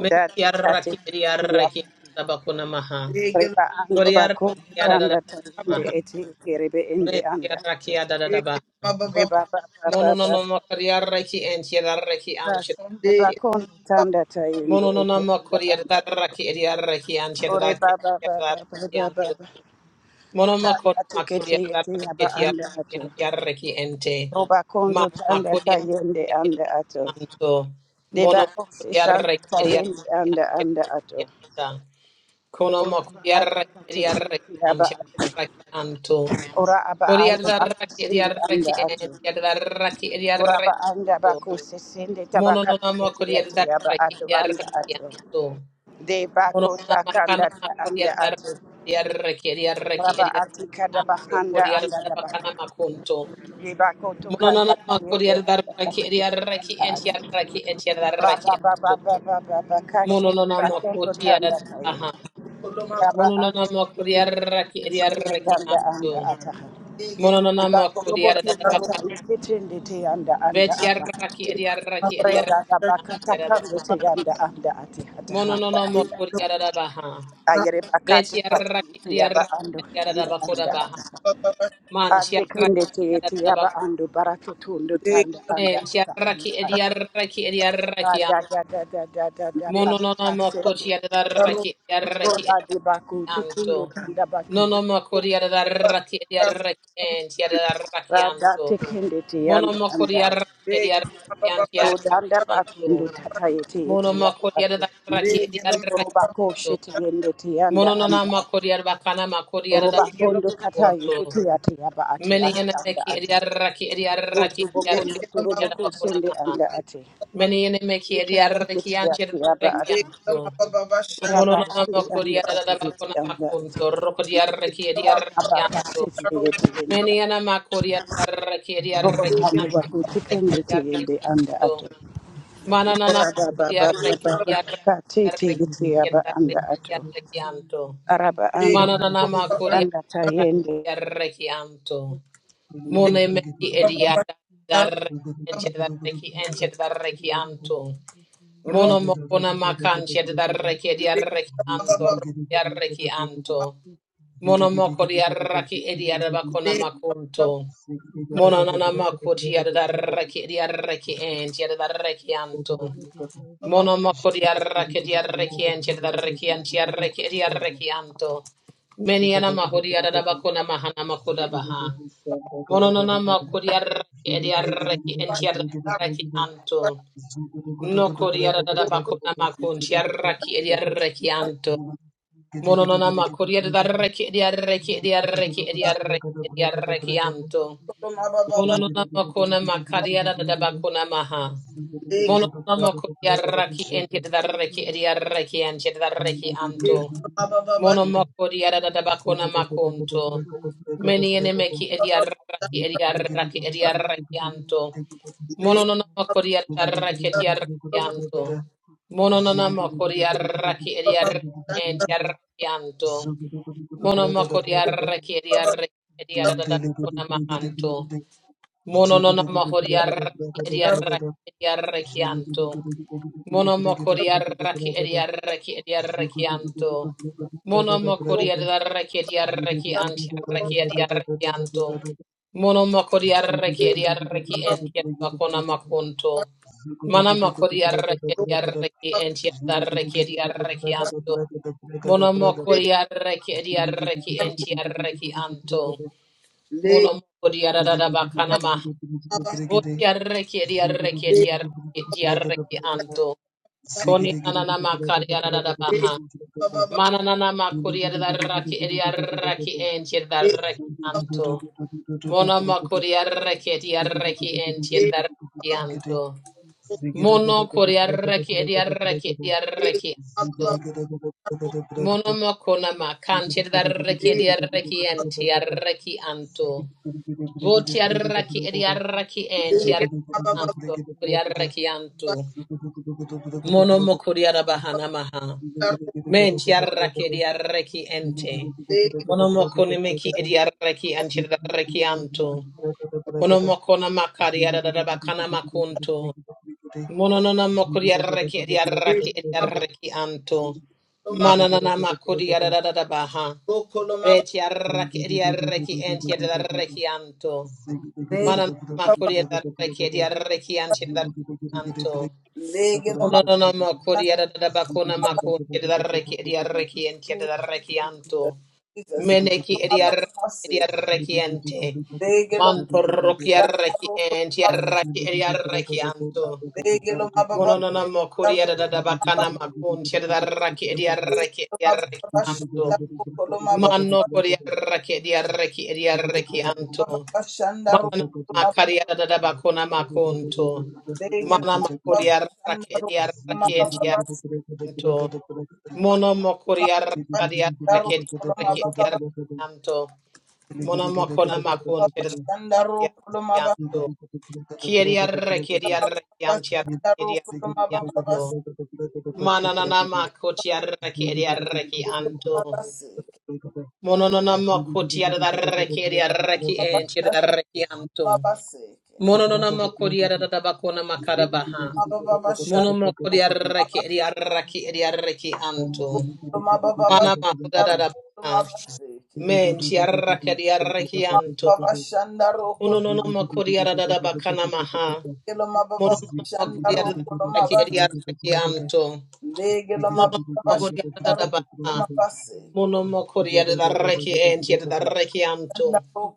Speaker 4: Men
Speaker 3: Dati kate
Speaker 4: tiaraki
Speaker 3: te
Speaker 4: adiara
Speaker 3: ete
Speaker 4: ki bakuna maha.
Speaker 3: Reba ando
Speaker 4: Koriara
Speaker 3: bako
Speaker 4: adiara
Speaker 3: tanda tarinde
Speaker 4: maha.
Speaker 3: eti kerebe ende
Speaker 4: Men
Speaker 3: anda
Speaker 4: tiaraki
Speaker 3: ato.
Speaker 4: adiara baha.
Speaker 3: Reba ba ba ba
Speaker 4: Mono no
Speaker 3: ba
Speaker 4: no mo
Speaker 3: ba
Speaker 4: koriara ki en tiarara ki an
Speaker 3: ba sende
Speaker 4: tiarara ki.
Speaker 3: bako tanda tarinde
Speaker 4: Mono no no
Speaker 3: eti
Speaker 4: mo
Speaker 3: anda anda.
Speaker 4: koriara ki adiara ki an
Speaker 3: Ore
Speaker 4: tiarara ki
Speaker 3: ba ba ba
Speaker 4: tiarara
Speaker 3: ba ba
Speaker 4: ki
Speaker 3: ba
Speaker 4: an
Speaker 3: ba
Speaker 4: to.
Speaker 3: ba.
Speaker 4: Mono mo kon
Speaker 3: Tanda
Speaker 4: ma
Speaker 3: tukete
Speaker 4: koriara
Speaker 3: eti yaba
Speaker 4: ki tiarara
Speaker 3: anda
Speaker 4: ki
Speaker 3: ato.
Speaker 4: an tiarara ki ente.
Speaker 3: Roba
Speaker 4: Ma
Speaker 3: kondo
Speaker 4: ma
Speaker 3: tanda tarinde
Speaker 4: koriara
Speaker 3: anda ato.
Speaker 4: Santo,
Speaker 3: Deba
Speaker 4: Mono
Speaker 3: kosi sanda
Speaker 4: Curiarre
Speaker 3: tarinde anda anda ato.
Speaker 4: Curianta, Conomo
Speaker 3: Ora ba ati
Speaker 4: Curiarre
Speaker 3: kate eti
Speaker 4: Curiarre
Speaker 3: yaba ato.
Speaker 4: Anto,
Speaker 3: Ora aba ando
Speaker 4: Curiarre
Speaker 3: bako sende
Speaker 4: Curiarre
Speaker 3: anda ato.
Speaker 4: Curiarre Curiarre
Speaker 3: Uraba anda baku sisinde
Speaker 4: Mono
Speaker 3: tabaka
Speaker 4: non Nomo
Speaker 3: tikiti yatu
Speaker 4: Curiarre
Speaker 3: yaba atu anda
Speaker 4: Curiarre
Speaker 3: atu.
Speaker 4: Anto,
Speaker 3: De
Speaker 4: Mono
Speaker 3: baku
Speaker 4: Nama Cana
Speaker 3: takanda ta anda
Speaker 4: Curiarre
Speaker 3: atu.
Speaker 4: Curiarre Curiarre
Speaker 3: Raba
Speaker 4: Curiarre
Speaker 3: ati kada
Speaker 4: Anto,
Speaker 3: bahanda
Speaker 4: Curiarre
Speaker 3: anda dabaha.
Speaker 4: Bacana Macunto,
Speaker 3: De baku
Speaker 4: Mono non
Speaker 3: tukanda ta
Speaker 4: Nama
Speaker 3: yende
Speaker 4: Curiarre
Speaker 3: anda atu
Speaker 4: Curiarre
Speaker 3: anda
Speaker 4: Curiarre
Speaker 3: atu.
Speaker 4: Curiarre
Speaker 3: Raba baba
Speaker 4: Anto,
Speaker 3: baba baba ba ba kashi
Speaker 4: Mononama
Speaker 3: bakendo tanda ta
Speaker 4: Kotiaraha.
Speaker 3: Raba anda
Speaker 4: Mononama Kodiaraki
Speaker 3: shende
Speaker 4: Ediaraki
Speaker 3: anda anda
Speaker 4: Anto.
Speaker 3: ataha. De
Speaker 4: Mononama
Speaker 3: baku robo tunda ta
Speaker 4: Kodiarabaka.
Speaker 3: yende tindi anda anda ataha.
Speaker 4: Betiaraki ki Ediaraki
Speaker 3: Regada bakata kambe te yanda anda ati hata handa
Speaker 4: Mononama
Speaker 3: anda. ha.
Speaker 4: Kodiarabaha.
Speaker 3: Ayere bakati hati
Speaker 4: Betiaraki
Speaker 3: iti yaba
Speaker 4: Ediaraki
Speaker 3: ando anda
Speaker 4: Ediarabakoda
Speaker 3: anda
Speaker 4: Baha.
Speaker 3: ata. ha. Ate
Speaker 4: Mantiaraki
Speaker 3: kunde te
Speaker 4: ki
Speaker 3: iti yaba ando barato tundu tanda anda ata
Speaker 4: Mantiaraki
Speaker 3: anda ata.
Speaker 4: ki
Speaker 3: Da
Speaker 4: Ediaraki
Speaker 3: da da da da da da da baba
Speaker 4: Mononona
Speaker 3: kasende.
Speaker 4: makoti adaraki adaraki
Speaker 3: Roda di baku
Speaker 4: anto.
Speaker 3: tukundu tanda baku.
Speaker 4: Nono makori adaraki adaraki anti adaraki
Speaker 3: Rada
Speaker 4: anto.
Speaker 3: te kunde te
Speaker 4: Mono
Speaker 3: yanda
Speaker 4: makori
Speaker 3: anda ata.
Speaker 4: adaraki adaraki anti
Speaker 3: Roda
Speaker 4: adaraki
Speaker 3: anda baku
Speaker 4: anto.
Speaker 3: ndu tata iti
Speaker 4: Mono
Speaker 3: iti yaba
Speaker 4: makori
Speaker 3: atu.
Speaker 4: adaraki
Speaker 1: Leg
Speaker 4: adaraki
Speaker 3: Roba ko
Speaker 4: anto.
Speaker 3: shiti yende te yanda
Speaker 4: Mononona
Speaker 3: anda ata.
Speaker 4: makori adabakana makori
Speaker 3: Roba
Speaker 4: adaraki
Speaker 3: kondo
Speaker 4: mo
Speaker 3: kata
Speaker 4: koti adaraki anto.
Speaker 3: yekuti ati yaba ati
Speaker 4: Many
Speaker 3: ati anda
Speaker 4: enemeki
Speaker 3: ata.
Speaker 4: adaraki adaraki
Speaker 3: Otu
Speaker 4: adaraki
Speaker 3: bokondo turobo
Speaker 4: adabakuna
Speaker 3: kusende
Speaker 4: maha.
Speaker 3: anda ati.
Speaker 4: Many enemeki adaraki
Speaker 3: Yekuti
Speaker 4: anti
Speaker 3: ati yaba
Speaker 4: adaraki
Speaker 3: ati.
Speaker 4: anto.
Speaker 3: Raba
Speaker 4: Mononama
Speaker 3: ande anda
Speaker 4: Kodia
Speaker 3: ati
Speaker 4: da
Speaker 3: eti
Speaker 4: Bacona
Speaker 3: anda ati.
Speaker 4: Macunto, Rocodia Rekidia
Speaker 3: Rata baka
Speaker 4: Rekianto,
Speaker 3: sese yeti yende. ati.
Speaker 4: Meniana Macodia Rekidia
Speaker 3: Roba kondo
Speaker 4: Rekianto,
Speaker 3: bakuti kende te
Speaker 4: Rekidia
Speaker 3: yende anda
Speaker 4: Rekianto,
Speaker 3: ato.
Speaker 4: Mananana
Speaker 3: Raba baba
Speaker 4: Kodia
Speaker 3: baba
Speaker 4: Rekidia
Speaker 3: katete yeti
Speaker 4: Rekidia
Speaker 3: yaba anda ato.
Speaker 4: Rekidia Rekianto,
Speaker 3: Raba ando
Speaker 4: Manananama
Speaker 3: bakondo
Speaker 4: kuria
Speaker 3: tanda tayende.
Speaker 4: reki anto. Mone meki ediada darreki enched darreki enched darreki anto. Mono mokona makanchi darreki ediarreki anto. Yarreki anto. Mono moko diarraki ediada bakona
Speaker 5: you.
Speaker 4: makunto.
Speaker 5: Zulu Gede gede gede gede gede gede. Gede gede gede gede gede gede gede gede. Gede gede gede
Speaker 4: Monanana makoti yarraki yarraki and yarraki anto. Mono makoti yarraki yarraki and yarraki and yarraki yarraki anto. Many anama hodi yarabakona mahana makoda baha. Mononana makoti yarraki yarraki and yarraki anto. No kodi yarabakona makon yarraki yarraki anto. Mononana makoti yarraki yarraki yarraki yarraki yarraki anto.
Speaker 6: you.
Speaker 4: Mononona
Speaker 5: gede
Speaker 4: makona
Speaker 5: gede
Speaker 6: Thank
Speaker 5: gede
Speaker 4: makariara da
Speaker 5: gede gede.
Speaker 4: bakona maha. Mononona makoria raki enti da reki eria reki enti da reki anto. Mono makoria da bakona makonto. Meni ene meki eria raki eria raki eria reki anto. Mononona makoria da reki eria reki anto. Mononona makoria raki eria reki enti reki anto. Mono makoria raki eria reki eria da bakona mahanto. Mononona mahori arraki eri arraki eri arrakianto. Monomokori arraki eri arraki eri
Speaker 5: Ziggy
Speaker 4: arrakianto. Monomokori arraki eri arraki anti arraki eri arrakianto. Monomokori arraki eri arraki enti arrakona makunto. Manamakori arraki eri arraki enti arraki eri arrakianto. Monomokori arraki eri arraki enti arraki anto. Monomokori arrabakana Voti arreki edi arreki
Speaker 6: you.
Speaker 4: edi arreki edi arreki anto. Koni anana makari arada baha. Mananana makuri arraki edi arraki enti edi arreki
Speaker 5: Ziggy,
Speaker 4: anto. Mono makuri arreki edi arreki enti edi arreki anto. Mono kuri arreki edi arreki edi
Speaker 1: Legelo
Speaker 4: arreki anto. Mono makona makanti edi arreki edi arreki enti arreki anto. Votiarraki ediarraki enti arrakianto kuriarrakianto. Mono mokuriara bahana maha. Menti arraki ediarraki ente. Mono mokone meki ediarraki anchirarrakianto. Mono mokona makari
Speaker 5: Ziggy,
Speaker 4: ararabakana makunto. Mononana makodi yarraki edi yarraki edi yarraki anto. Mananana makodi
Speaker 6: Thank
Speaker 4: yarada baha. Beti yarraki edi yarraki enti yarraki anto. Mananana makodi yarraki edi yarraki anti yarraki anto. Mononana makodi yarada bakona makodi yarraki edi yarraki enti yarraki anto. Meneki edi yarraki edi yarraki ente. Manto roki yarraki enti yarraki edi yarraki anto. Mononona mokuri adada
Speaker 5: Thank you.
Speaker 4: bakana makun chedaraki ediaraki ediaraki anto. Mano kuri araki ediaraki ediaraki anto. Manana makari adada bakona makunto. Mana makuri araki ediaraki entianto. Mono mokuri araki ediaraki ediaraki ediaraki anto. Mono makona makun chedaraki
Speaker 1: Babashandaro
Speaker 4: ediaraki
Speaker 1: Kulumaba
Speaker 4: anto. Kiriarre, kiriarre, kiantiarre,
Speaker 1: Babashandaro Kulumaba
Speaker 4: kiriarre,
Speaker 1: Babashandaro
Speaker 4: Manananama kotiarre, kiriarre, kianto.
Speaker 1: Kulumabaseke
Speaker 4: Mononanama
Speaker 5: Ziggy,
Speaker 4: kotiarre, kiriarre, kiantiarre, kianto.
Speaker 1: Babashandamabaseke
Speaker 4: Mononanama kotiarre, tabakona makarabaha.
Speaker 1: Baba
Speaker 4: Mononanama
Speaker 1: Babashandaro
Speaker 4: kodiarre, kiriarre, kiriarre, kianto.
Speaker 1: Kulumaba
Speaker 4: Manama
Speaker 1: Babashandaro
Speaker 4: kodadabaha.
Speaker 1: Kulumabaseke
Speaker 4: Men tiarre, kiriarre, kianto.
Speaker 1: Babashandaro
Speaker 4: Mononanama kotiarre, tabakana maha.
Speaker 1: Kulumaba
Speaker 4: Monono
Speaker 1: Babashandaro
Speaker 4: makuriada
Speaker 1: Kulumaba
Speaker 4: rakiadia rakianto. Monono
Speaker 1: Legelomaba
Speaker 4: mahuriada da
Speaker 1: Babashandaro
Speaker 4: baha.
Speaker 1: Kulumabaseke
Speaker 4: Mono makuriada da raki entiada da rakianto.
Speaker 1: Shandaro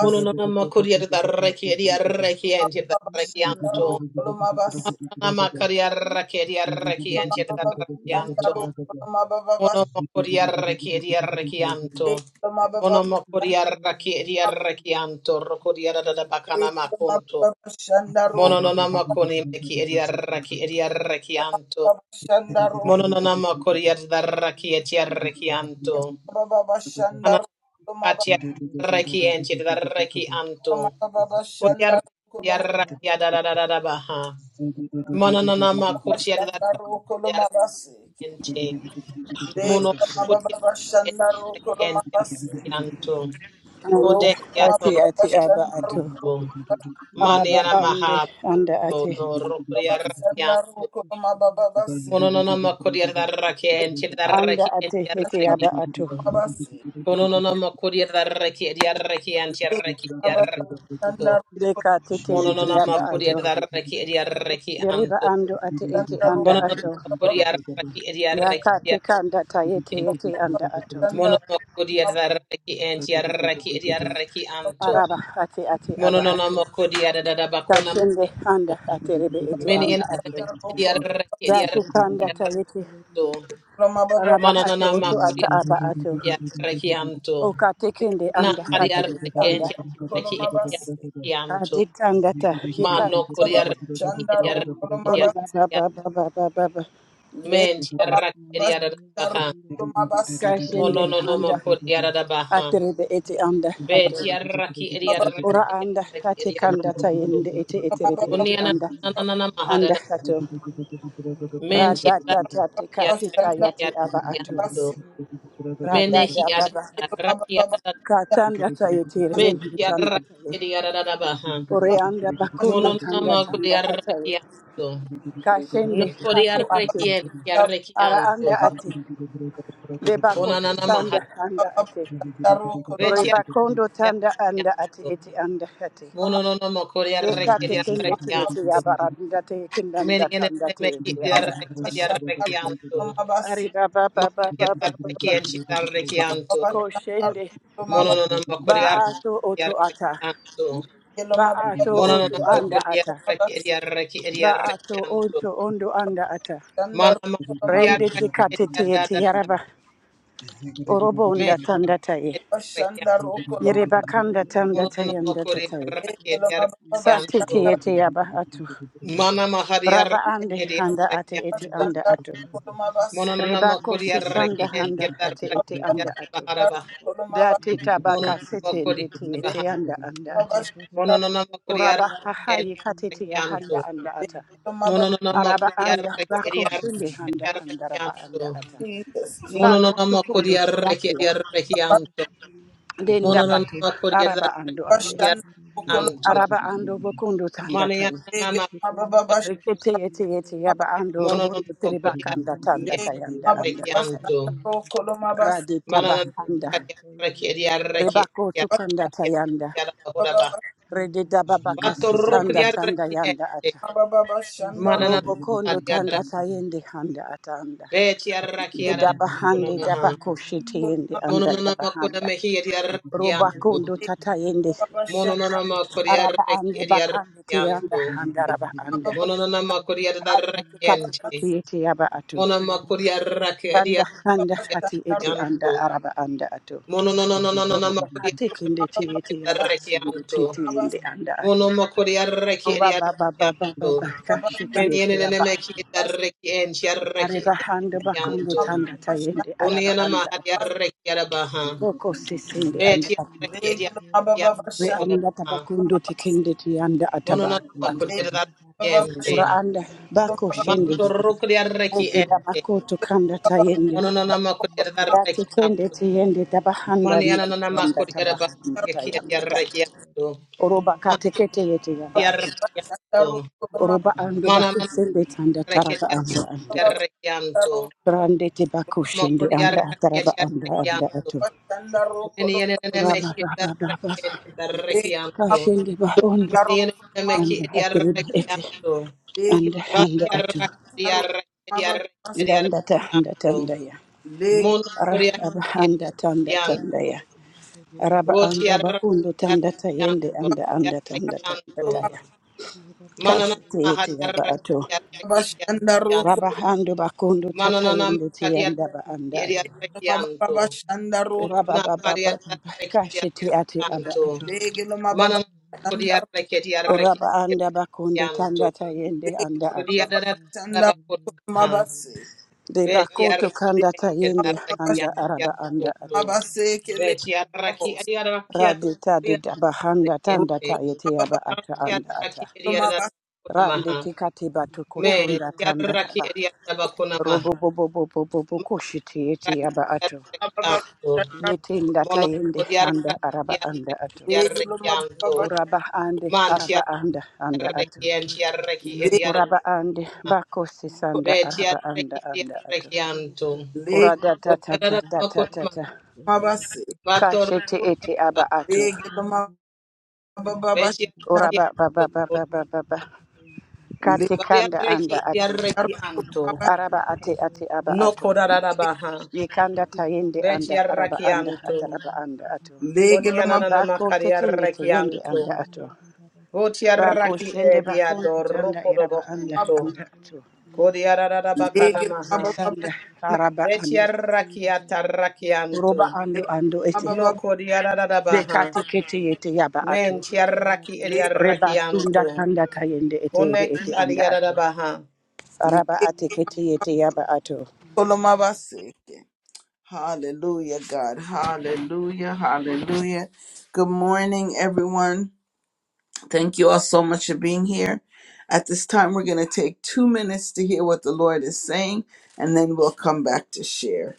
Speaker 4: Monono makuriada da rakiadia rakiantia da
Speaker 1: Babashandaro
Speaker 4: rakianto.
Speaker 1: Kulumabaseke
Speaker 4: Monono makaria rakiadia rakiantia da rakianto.
Speaker 1: Baba Babashandaro
Speaker 4: Mono makuria rakiadia rakianto.
Speaker 1: Baba, Baba,
Speaker 4: Mono makuria rakiadia rakianto. Rokodia da bakana makunto. Mono no namakoni meki edia raki edia rakianto. Mononana makoria da raki eti arreki anto. Anakati arreki enti da reki anto. Koria
Speaker 5: Thank
Speaker 4: raki arraki da da da da da baha. Mononana makotia da
Speaker 6: you.
Speaker 4: raki enti. Mono kotia reki enti arreki
Speaker 6: Thank
Speaker 4: anto.
Speaker 3: Anda
Speaker 4: Kode
Speaker 3: ati
Speaker 4: torto.
Speaker 3: ati aba ato.
Speaker 4: Mani
Speaker 3: araba
Speaker 4: ana
Speaker 3: ande
Speaker 4: maha
Speaker 3: anda
Speaker 4: to
Speaker 3: ate
Speaker 4: do rokoria raki anto. Mononana makoria da raki enti da
Speaker 5: you.
Speaker 3: anda
Speaker 4: reki
Speaker 3: ate
Speaker 4: enti
Speaker 3: ete
Speaker 4: arreki
Speaker 3: yaba
Speaker 5: Thank
Speaker 3: ato
Speaker 4: Kononono makuri adaraki adiaraki antiaraki adiaraki to.
Speaker 3: leka tete ete
Speaker 4: Mononono
Speaker 3: yaba
Speaker 4: makuri
Speaker 3: ato
Speaker 4: adaraki adiaraki
Speaker 3: biriba
Speaker 4: anto.
Speaker 3: ando ate ete anda
Speaker 4: Mononono
Speaker 3: ato
Speaker 4: makuri adaraki adiaraki
Speaker 3: yaka te
Speaker 4: adiaraki.
Speaker 3: anda ta yete yete anda ato
Speaker 1: Thank
Speaker 4: Mononono makuri
Speaker 1: Shandaro
Speaker 4: adaraki antiaraki adiaraki anto.
Speaker 3: araba ate ate aba
Speaker 4: Mononono
Speaker 3: ato
Speaker 4: makuri adadabakona
Speaker 3: kashende
Speaker 4: makunto.
Speaker 3: anda ate rebe ete
Speaker 4: Many
Speaker 3: anda
Speaker 4: in the
Speaker 3: ato
Speaker 4: adiaraki
Speaker 3: yate
Speaker 4: adiaraki
Speaker 3: kanda ta
Speaker 4: adiaraki
Speaker 3: yete
Speaker 4: to.
Speaker 3: araba ato
Speaker 4: Mananana
Speaker 3: oto
Speaker 4: makuri
Speaker 3: ata aba ato
Speaker 4: adaraki anto.
Speaker 3: okate kende anda
Speaker 4: Nakari
Speaker 3: ate ete
Speaker 4: adaraki
Speaker 3: anda ato
Speaker 4: antiaraki adiaraki anto.
Speaker 3: ade anda ta yeka anda
Speaker 4: Mano
Speaker 3: ta
Speaker 4: Korea
Speaker 3: yata
Speaker 4: Eria Eria
Speaker 3: Ori baba baba baba baba
Speaker 4: Men Tiaraki Eriada Baha
Speaker 6: you.
Speaker 3: Kashinde
Speaker 4: Mono no no no, mo
Speaker 3: anda
Speaker 5: you.
Speaker 4: Korea da Baha
Speaker 3: aterebe
Speaker 6: Thank you.
Speaker 3: eti anda
Speaker 5: Ziggy
Speaker 4: Be
Speaker 3: ate
Speaker 4: Tiaraki Eriada
Speaker 3: ora anda ate
Speaker 4: Eriada
Speaker 3: kanda tayende eti eterebe eti
Speaker 4: Uniana
Speaker 3: anda
Speaker 4: Nana
Speaker 3: anda
Speaker 4: Mahada
Speaker 3: ato
Speaker 4: Men
Speaker 3: rada tata te
Speaker 4: Tiaraki
Speaker 3: kati tayati aba atu
Speaker 4: Eriada
Speaker 3: rada
Speaker 4: Mene
Speaker 3: da
Speaker 4: Hiada
Speaker 3: baba
Speaker 4: Rakiada
Speaker 3: katanda tayete
Speaker 4: Men
Speaker 3: rebe tanda
Speaker 4: Tiaraki
Speaker 3: taye
Speaker 4: Eriada da Baha
Speaker 3: ore anda bakundo
Speaker 4: Mono no no, no,
Speaker 3: tanda
Speaker 4: mo
Speaker 3: tanda
Speaker 4: Korea
Speaker 3: tataye
Speaker 4: Rakianto No
Speaker 3: kashende
Speaker 4: Korea
Speaker 3: ato atu
Speaker 4: Rekian
Speaker 3: ara anda
Speaker 4: Tiarakianto
Speaker 3: ati debako sanda anda ati ore
Speaker 4: Veti
Speaker 3: bakondo tanda anda ati
Speaker 4: arrecchiato.
Speaker 3: eti anda hati.
Speaker 4: Mono non amo cori
Speaker 3: Dekate
Speaker 4: arrecchi
Speaker 3: kende tiyete ya
Speaker 4: arrecchianto.
Speaker 3: baranda te
Speaker 4: Meni
Speaker 3: kendanda
Speaker 4: ene
Speaker 3: kanda te
Speaker 4: meki
Speaker 3: te anda te.
Speaker 4: arrecchi arrecchianto.
Speaker 3: Arida ba ba ba
Speaker 4: Monchi
Speaker 3: ba ba
Speaker 5: Thank
Speaker 3: ba
Speaker 4: arrecchi
Speaker 3: ba.
Speaker 4: enchi arrecchianto.
Speaker 3: Koshende
Speaker 4: Mono non amo cori
Speaker 3: ba ato
Speaker 4: arrecchi
Speaker 3: oto ata.
Speaker 4: arrecchianto.
Speaker 3: Ba
Speaker 1: Koloma
Speaker 3: ato
Speaker 4: Mono non
Speaker 3: oto
Speaker 4: amo
Speaker 3: anda
Speaker 4: cori
Speaker 3: ata.
Speaker 1: Koloma
Speaker 4: arrecchi arrecchi
Speaker 3: Ba ato
Speaker 4: arrecchianto.
Speaker 3: oto ondo anda ata.
Speaker 1: shandar
Speaker 4: Mana machi
Speaker 1: Koloma
Speaker 3: Rende te
Speaker 4: arrecchi
Speaker 3: tikate tiyete
Speaker 4: adada.
Speaker 3: yaraba. Orobo
Speaker 4: Meni
Speaker 3: onda tanda
Speaker 4: arrecchi
Speaker 3: taye.
Speaker 4: arrecchianto.
Speaker 3: Yereba kanda tanda
Speaker 4: Mono non amo
Speaker 3: tayanda
Speaker 4: cori
Speaker 3: tataye.
Speaker 4: arrecchi
Speaker 1: yeloma baba
Speaker 3: Sati te
Speaker 4: arrecchianto.
Speaker 1: shandar
Speaker 3: tiyete yaba atu.
Speaker 4: Mana mahari
Speaker 3: Raba ande
Speaker 4: arreki
Speaker 3: anda ate eti
Speaker 4: arrekianto.
Speaker 3: anda
Speaker 1: shandar
Speaker 3: atu.
Speaker 1: Koloma bas
Speaker 4: Mononana
Speaker 3: Rebako
Speaker 4: makori arreki
Speaker 3: sisanda handa
Speaker 4: entiada
Speaker 3: ate
Speaker 4: arreki
Speaker 3: ete
Speaker 1: baba
Speaker 3: anda ato.
Speaker 1: shandar
Speaker 4: baharabaha.
Speaker 1: koloma bas
Speaker 3: Date tabaka sete ndete ete
Speaker 4: Mononana
Speaker 3: anda anda
Speaker 6: Hallelujah.
Speaker 1: baba
Speaker 3: ate.
Speaker 1: shandar
Speaker 4: makori
Speaker 3: Uraba hahaye katete ya
Speaker 4: arrekianto.
Speaker 3: handa anda ata.
Speaker 1: yeloma baba
Speaker 4: Mononana
Speaker 3: Araba
Speaker 4: makori
Speaker 3: anda
Speaker 4: arreki
Speaker 3: bako shinde handa anda raba
Speaker 4: arrekianto.
Speaker 3: anda ata.
Speaker 1: Jesus, Jesus,
Speaker 3: Bako
Speaker 4: Mononana makori
Speaker 3: tukundu
Speaker 4: arreki
Speaker 3: tiyati
Speaker 4: arrekianto. Mononana makori arreki
Speaker 3: ya.
Speaker 4: arrekianto.
Speaker 3: Denda
Speaker 4: Mononana
Speaker 3: bako
Speaker 4: makori
Speaker 3: araba
Speaker 4: arreki
Speaker 3: ando
Speaker 1: baba
Speaker 3: ate.
Speaker 1: shandar koloma
Speaker 4: arrekianto.
Speaker 1: bas
Speaker 3: Araba ando bokundu tanda tayi.
Speaker 4: Manayana
Speaker 1: yeloma baba
Speaker 3: Rekete ete ete
Speaker 1: shandar
Speaker 3: yaba ando robondo
Speaker 4: makori
Speaker 3: tiribaka anda
Speaker 4: arreki
Speaker 3: tanda tayanda
Speaker 1: yeloma
Speaker 3: anda
Speaker 1: baba
Speaker 3: tatay.
Speaker 4: arrekianto.
Speaker 1: shandar koloma bas
Speaker 3: Radi
Speaker 4: Manana
Speaker 3: taba anda.
Speaker 4: Kariaraki Ediaraki
Speaker 3: Rebako sukanda tayanda.
Speaker 4: Yadabaha
Speaker 3: Redida babaka
Speaker 4: Bato
Speaker 5: you.
Speaker 3: sisanda tanda
Speaker 4: Rukriaraki
Speaker 3: yanda
Speaker 4: Ente
Speaker 3: ata.
Speaker 1: baba baba shandar
Speaker 4: Manana
Speaker 3: Robo kondo
Speaker 4: Kariara
Speaker 3: tanda tayende handa atanda.
Speaker 4: Betiaraki
Speaker 3: De
Speaker 6: Hariya
Speaker 3: dabahande
Speaker 6: Krishna
Speaker 4: Yadakunamaha
Speaker 3: dabako
Speaker 6: Hare Krishna
Speaker 3: shitende
Speaker 1: koloma
Speaker 6: Hare
Speaker 3: anda
Speaker 4: Mononana Makuna
Speaker 3: yabahanda.
Speaker 6: Krishna
Speaker 4: Mehi Ediaraki
Speaker 3: Roba
Speaker 6: Hare
Speaker 4: Yanto
Speaker 3: kondo
Speaker 6: Krishna Bala
Speaker 3: tatayende.
Speaker 6: Krishna
Speaker 1: Leg
Speaker 6: Radha
Speaker 4: Mononana
Speaker 6: Dede
Speaker 3: Araba
Speaker 4: Makuriaraki
Speaker 3: ande
Speaker 4: Ediaraki
Speaker 3: bakande teyanda
Speaker 4: Yanto
Speaker 6: Hakaya
Speaker 3: handa
Speaker 6: Rere
Speaker 3: raba
Speaker 6: Krishna
Speaker 3: anda.
Speaker 6: Hare
Speaker 4: Mononana
Speaker 6: Krishna
Speaker 3: Randa
Speaker 4: Makuriaraki
Speaker 6: Hare
Speaker 3: kitati
Speaker 4: Ente
Speaker 3: kiti yaba atu.
Speaker 4: Mona
Speaker 6: Nara Krishna Hare
Speaker 4: Makuriaraki
Speaker 6: Krishna
Speaker 3: Randa
Speaker 4: Ediaraki
Speaker 6: Hare
Speaker 3: handa
Speaker 6: Krishna
Speaker 3: hati eti
Speaker 4: Yanto
Speaker 3: anda araba anda atu.
Speaker 4: Mononana
Speaker 3: Roba kate kende
Speaker 4: Makuriaraki
Speaker 3: teyete yaba sundu tete yende anda atu.
Speaker 4: Mono mokori arreki eri
Speaker 3: Oba ba ba
Speaker 4: arreki
Speaker 3: ba ba
Speaker 4: anto.
Speaker 3: ba ba
Speaker 5: Thank
Speaker 3: kashiti
Speaker 4: Meni ene
Speaker 3: ete ya
Speaker 4: nene
Speaker 3: ba
Speaker 4: meki
Speaker 3: atu.
Speaker 4: eri arreki enti arreki
Speaker 3: Areba
Speaker 6: Hakaya
Speaker 4: eri
Speaker 6: Rere
Speaker 3: handa
Speaker 4: arreki
Speaker 6: Krishna
Speaker 3: bakundo
Speaker 4: anto.
Speaker 3: tanda
Speaker 6: Hare
Speaker 3: tayende
Speaker 4: Kuni
Speaker 3: araba
Speaker 4: ana
Speaker 3: anda
Speaker 4: mahari
Speaker 3: atu.
Speaker 4: arreki arabaha.
Speaker 3: Boko
Speaker 6: Ambara
Speaker 3: sisende anda
Speaker 4: Veti
Speaker 6: Krishna
Speaker 3: atu.
Speaker 6: Hare
Speaker 4: arreki
Speaker 6: Krishna
Speaker 4: eri arreki anto
Speaker 6: Hare
Speaker 3: We
Speaker 6: Krishna
Speaker 3: anda
Speaker 6: Hakaya
Speaker 4: kodabaha.
Speaker 3: tabakundo tekende ti anda
Speaker 4: Mono
Speaker 3: ataba
Speaker 4: nana
Speaker 3: ando atu.
Speaker 4: mokori eri arreki
Speaker 6: Rada Krishna
Speaker 4: ente.
Speaker 3: Ura anda
Speaker 6: Hare
Speaker 3: bako
Speaker 6: Krishna
Speaker 3: shende.
Speaker 4: Manto
Speaker 6: Hare
Speaker 4: rokori
Speaker 6: Krishna
Speaker 4: arreki
Speaker 3: Ebe da
Speaker 4: ente.
Speaker 3: bako tokanda
Speaker 6: He
Speaker 3: tayende.
Speaker 4: Mono nana
Speaker 6: colorados
Speaker 4: mokori eri
Speaker 3: Da
Speaker 4: arreki
Speaker 3: tekende
Speaker 4: anto.
Speaker 6: ascendería,
Speaker 3: tiyende tabahanda
Speaker 4: Mani
Speaker 3: ni
Speaker 4: ana nana
Speaker 3: ati anda
Speaker 4: mokori arabaha.
Speaker 6: ascendería,
Speaker 3: tabahanda
Speaker 4: Eki eri
Speaker 3: tayanda ta.
Speaker 4: arreki
Speaker 6: ascendería,
Speaker 4: anto.
Speaker 6: ascendería,
Speaker 3: Oroba
Speaker 4: Manti
Speaker 3: katekete
Speaker 6: ascendería,
Speaker 3: yete ya ba
Speaker 4: eri
Speaker 3: atu.
Speaker 4: arreki anto.
Speaker 3: Oroba ando
Speaker 4: Mana
Speaker 3: bako
Speaker 4: nana
Speaker 5: you.
Speaker 3: sende tanda
Speaker 4: arreki
Speaker 3: taraba ando
Speaker 4: eri
Speaker 3: anda atu.
Speaker 4: arreki anto.
Speaker 3: Grande te bakushindi anda ataraba anda anda
Speaker 4: Mokodiarakiatiarakianto.
Speaker 3: ato. Rama baba baba
Speaker 4: Menienenenenmehiarakientiarakianto.
Speaker 3: kashende ba ondo anda atrebi ete
Speaker 4: Menienenenenmekiarakianto.
Speaker 3: anda anda ato. Danda ta anda
Speaker 4: Vatiarakiarakiarakianto.
Speaker 3: tanda ya.
Speaker 1: Leg,
Speaker 3: Ara aba anda tanda tanda
Speaker 4: Monokodiarakiarakianto.
Speaker 3: ya. Araba anda bakundo tanda ta yende
Speaker 4: Votiarakiarakianto.
Speaker 3: anda anda tanda tanda
Speaker 4: Rakiarakianto.
Speaker 3: ta ya. Kasi te ete ya ba ato.
Speaker 1: Bashandaro,
Speaker 3: Raba
Speaker 4: Mananamahariarakiarakiarakianto.
Speaker 3: hando bakundo tata yende te anda ba anda ato.
Speaker 1: Lege lo
Speaker 4: Manananamakadiarakiarakianto.
Speaker 1: Mababa Shandaro,
Speaker 3: Raba
Speaker 4: na
Speaker 3: baba
Speaker 4: pari
Speaker 3: baba
Speaker 4: arreki di
Speaker 3: kashi te ate aba
Speaker 4: arrechianto,
Speaker 3: ato.
Speaker 1: Lege no Mababa
Speaker 4: manana
Speaker 6: Thank you.
Speaker 4: kodi
Speaker 6: can
Speaker 1: Shandaro,
Speaker 4: arreki di arreki
Speaker 3: Oraba
Speaker 4: di
Speaker 3: anda bakundo
Speaker 6: have a road to
Speaker 3: tanda
Speaker 4: arrechianto,
Speaker 6: Sandavia,
Speaker 3: tayende
Speaker 1: Lege
Speaker 3: anda
Speaker 1: no
Speaker 4: kodi
Speaker 6: and
Speaker 3: ato.
Speaker 1: Mababa
Speaker 4: arreki
Speaker 6: Sandavia,
Speaker 1: Shandaro,
Speaker 4: bakuna ha,
Speaker 6: Sandavia,
Speaker 1: Mabase,
Speaker 3: De
Speaker 4: veci
Speaker 3: bakoto
Speaker 1: Lege
Speaker 3: kanda
Speaker 4: arreki di
Speaker 3: tayende
Speaker 1: Mababa
Speaker 6: Sandavia,
Speaker 3: anda araba
Speaker 6: Sandavia, Sandavia,
Speaker 3: anda
Speaker 4: arrechianto,
Speaker 3: ato.
Speaker 1: Mabase, Kele
Speaker 6: Sandavia,
Speaker 4: veci
Speaker 6: Sandavia,
Speaker 4: arreki
Speaker 1: Mabos,
Speaker 4: di arrechiato
Speaker 3: Radita
Speaker 4: di
Speaker 3: de dabahanda tanda
Speaker 1: Ruto
Speaker 4: arrechiente,
Speaker 3: tayete
Speaker 1: Mababa
Speaker 3: aba
Speaker 4: non
Speaker 3: ata
Speaker 6: Thank
Speaker 4: ti
Speaker 6: you.
Speaker 3: anda
Speaker 4: arreki
Speaker 3: ata.
Speaker 4: di
Speaker 1: Mabas,
Speaker 4: arrechianto
Speaker 3: Rande
Speaker 4: maha,
Speaker 3: tikati batu
Speaker 4: me
Speaker 3: kutunda
Speaker 4: ti
Speaker 3: tanda
Speaker 4: arreki
Speaker 3: aba.
Speaker 4: di arrechianto maha, ma arreki
Speaker 3: Robo bobo bobo bobo koshiti yete aba
Speaker 4: di
Speaker 3: ato.
Speaker 1: Mababa
Speaker 4: arrechianto,
Speaker 1: Shandaro,
Speaker 3: Yete nda
Speaker 4: mono
Speaker 3: tayende
Speaker 4: kodi
Speaker 3: anda
Speaker 4: arreki
Speaker 3: araba anda ato.
Speaker 4: di
Speaker 1: Lege no
Speaker 4: arrechianto,
Speaker 1: Mababa,
Speaker 3: Oraba ande
Speaker 4: Man
Speaker 3: araba anda anda ato.
Speaker 4: tiarreki en tiarreki
Speaker 1: Lege
Speaker 4: ediada.
Speaker 3: Uraba ande bako sisanda
Speaker 4: Ve
Speaker 3: araba anda
Speaker 4: tiarreki
Speaker 3: anda ato.
Speaker 4: ediarreki antum.
Speaker 1: Lege
Speaker 3: Ora da ta ta ta
Speaker 4: Odiada
Speaker 3: ta ta ta
Speaker 4: bakuna
Speaker 3: ta.
Speaker 1: Mabase,
Speaker 3: Ka
Speaker 4: bator
Speaker 3: shete ete
Speaker 4: kudiada.
Speaker 3: aba ato.
Speaker 1: Lege no
Speaker 4: Ve
Speaker 1: Mababa
Speaker 3: Ora
Speaker 1: Shandaro,
Speaker 4: tiarreki
Speaker 3: ba ba ba ba
Speaker 4: antum.
Speaker 3: ba ba ba ba. Ka
Speaker 1: Lege
Speaker 3: kanda
Speaker 4: Variarreki
Speaker 3: anda ate.
Speaker 4: ediarreki antum.
Speaker 1: Mabas,
Speaker 3: Araba ate ate aba
Speaker 4: No
Speaker 3: ato.
Speaker 4: kodada baha.
Speaker 3: Ye kanda ta yende
Speaker 4: Ve
Speaker 3: anda araba
Speaker 4: tiarreki
Speaker 3: anda
Speaker 4: antum.
Speaker 3: ataraba anda ato.
Speaker 1: Lege no Mababa,
Speaker 4: Onianana
Speaker 3: Bako tekende te
Speaker 4: makariarreki
Speaker 3: yende
Speaker 6: Thank
Speaker 3: anda
Speaker 4: antum.
Speaker 3: ato. Bako
Speaker 4: Votiarraki
Speaker 3: shende bako
Speaker 4: ediador
Speaker 3: tanda
Speaker 4: rokodo
Speaker 3: iraba anda
Speaker 4: bakunto.
Speaker 3: anda ato.
Speaker 4: Kodiada bakana
Speaker 1: Lege
Speaker 3: Bako
Speaker 1: lo
Speaker 4: maha.
Speaker 1: Mababa Shandaro,
Speaker 3: sisanda araba
Speaker 4: Ve
Speaker 3: ande.
Speaker 4: tiarreki atarraki
Speaker 3: Roba
Speaker 4: antum.
Speaker 1: lege
Speaker 3: ando
Speaker 1: lo
Speaker 3: ando ete.
Speaker 4: No
Speaker 1: mababa
Speaker 4: kodiaradabaha.
Speaker 3: Bekate kete yete yaba ato.
Speaker 4: Men tiaraki
Speaker 1: Le-
Speaker 3: Reba tunda
Speaker 4: ediarakianto.
Speaker 3: kanda kayende ete ebe
Speaker 4: Koneki
Speaker 3: ete anda ato.
Speaker 4: adiaradabaha.
Speaker 3: Araba ate kete yete yaba ato.
Speaker 6: you.
Speaker 1: Lekolomabaseke. Hallelujah, God. Hallelujah. Hallelujah. Good morning, everyone. Thank you all so much for being here. At this time, we're going to take two minutes to hear what the Lord is saying, and then we'll come back to share.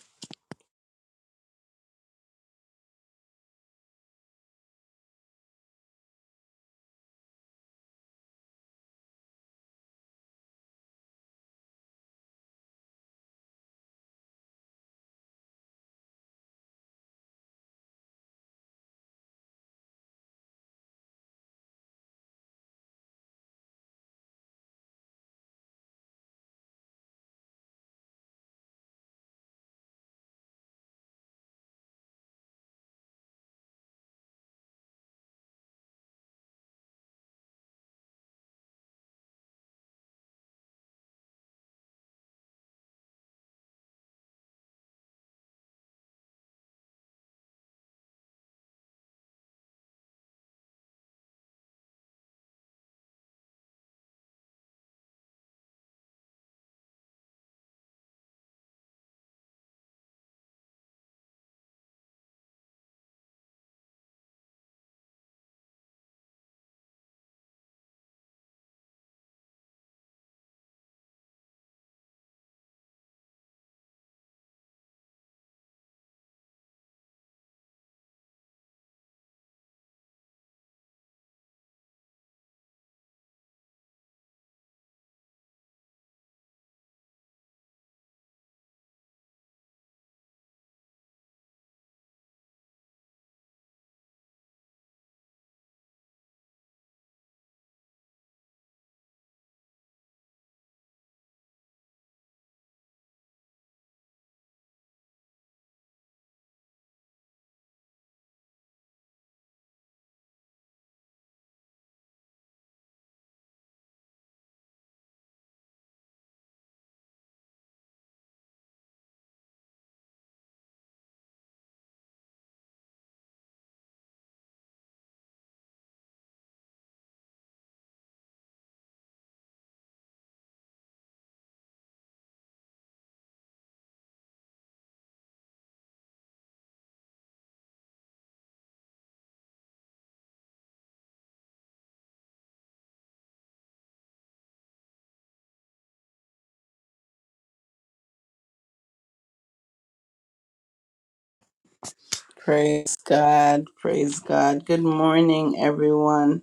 Speaker 1: Praise God. Praise God. Good morning, everyone.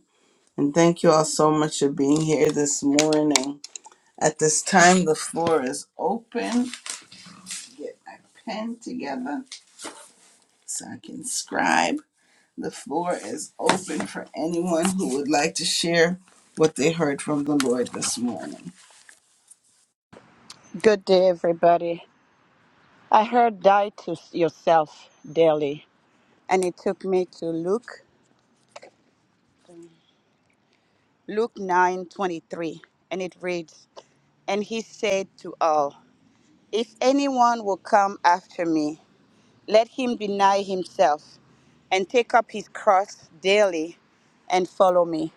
Speaker 1: And thank you all so much for being here this morning. At this time, the floor is open. Get my pen together. so I can scribe. The floor is open for anyone who would like to share what they heard from the Lord this morning.
Speaker 3: Good day, everybody. I heard die to yourself daily, and it took me to Luke, Luke 9:23, and it reads, And he said to all, If anyone will come after me, let him deny himself and take up his cross daily and follow me.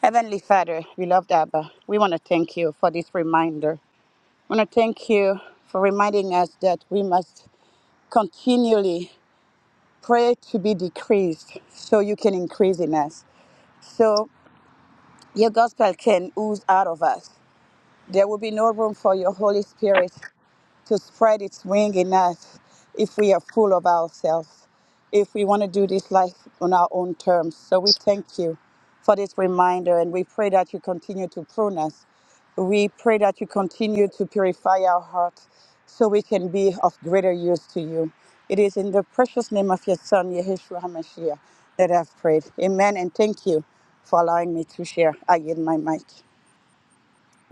Speaker 3: Heavenly Father, beloved Abba, we want to thank you for this reminder I want to thank you for reminding us that we must continually pray to be decreased so you can increase in us. So your gospel can ooze out of us. There will be no room for your Holy Spirit to spread its wing in us if we are full of ourselves, if we want to do this life on our own terms. So we thank you for this reminder and we pray that you continue to prune us. We pray that you continue to purify our hearts so we can be of greater use to you. It is in the precious name of your Son, Yeshua HaMashiach, that I've prayed. Amen. And thank you for allowing me to share. I yield my mic.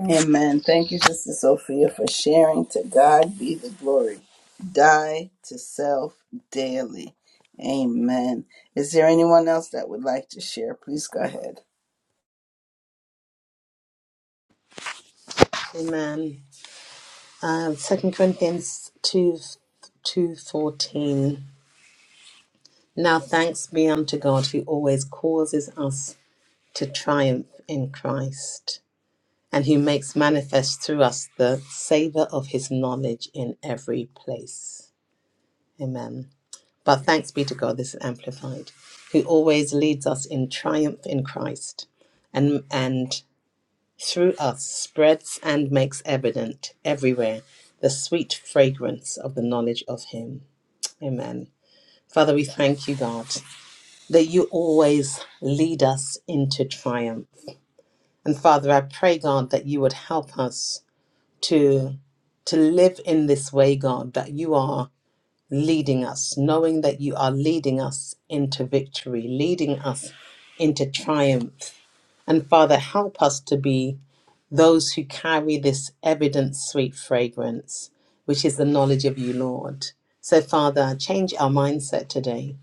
Speaker 1: Amen. Thank you, Sister Sophia, for sharing. To God be the glory. Die to self daily. Amen. Is there anyone else that would like to share? Please go ahead.
Speaker 4: Amen. Um, 2 Corinthians 2 2.14 Now thanks be unto God who always causes us to triumph in Christ and who makes manifest through us the savour of his knowledge in every place. Amen. But thanks be to God, this is amplified, who always leads us in triumph in Christ and, and through us spreads and makes evident everywhere the sweet fragrance of the knowledge of Him. Amen. Father, we thank you, God, that you always lead us into triumph. And Father, I pray, God, that you would help us to, to live in this way, God, that you are leading us, knowing that you are leading us into victory, leading us into triumph. And Father, help us to be those who carry this evident sweet fragrance, which is the knowledge of you, Lord. So, Father, change our mindset today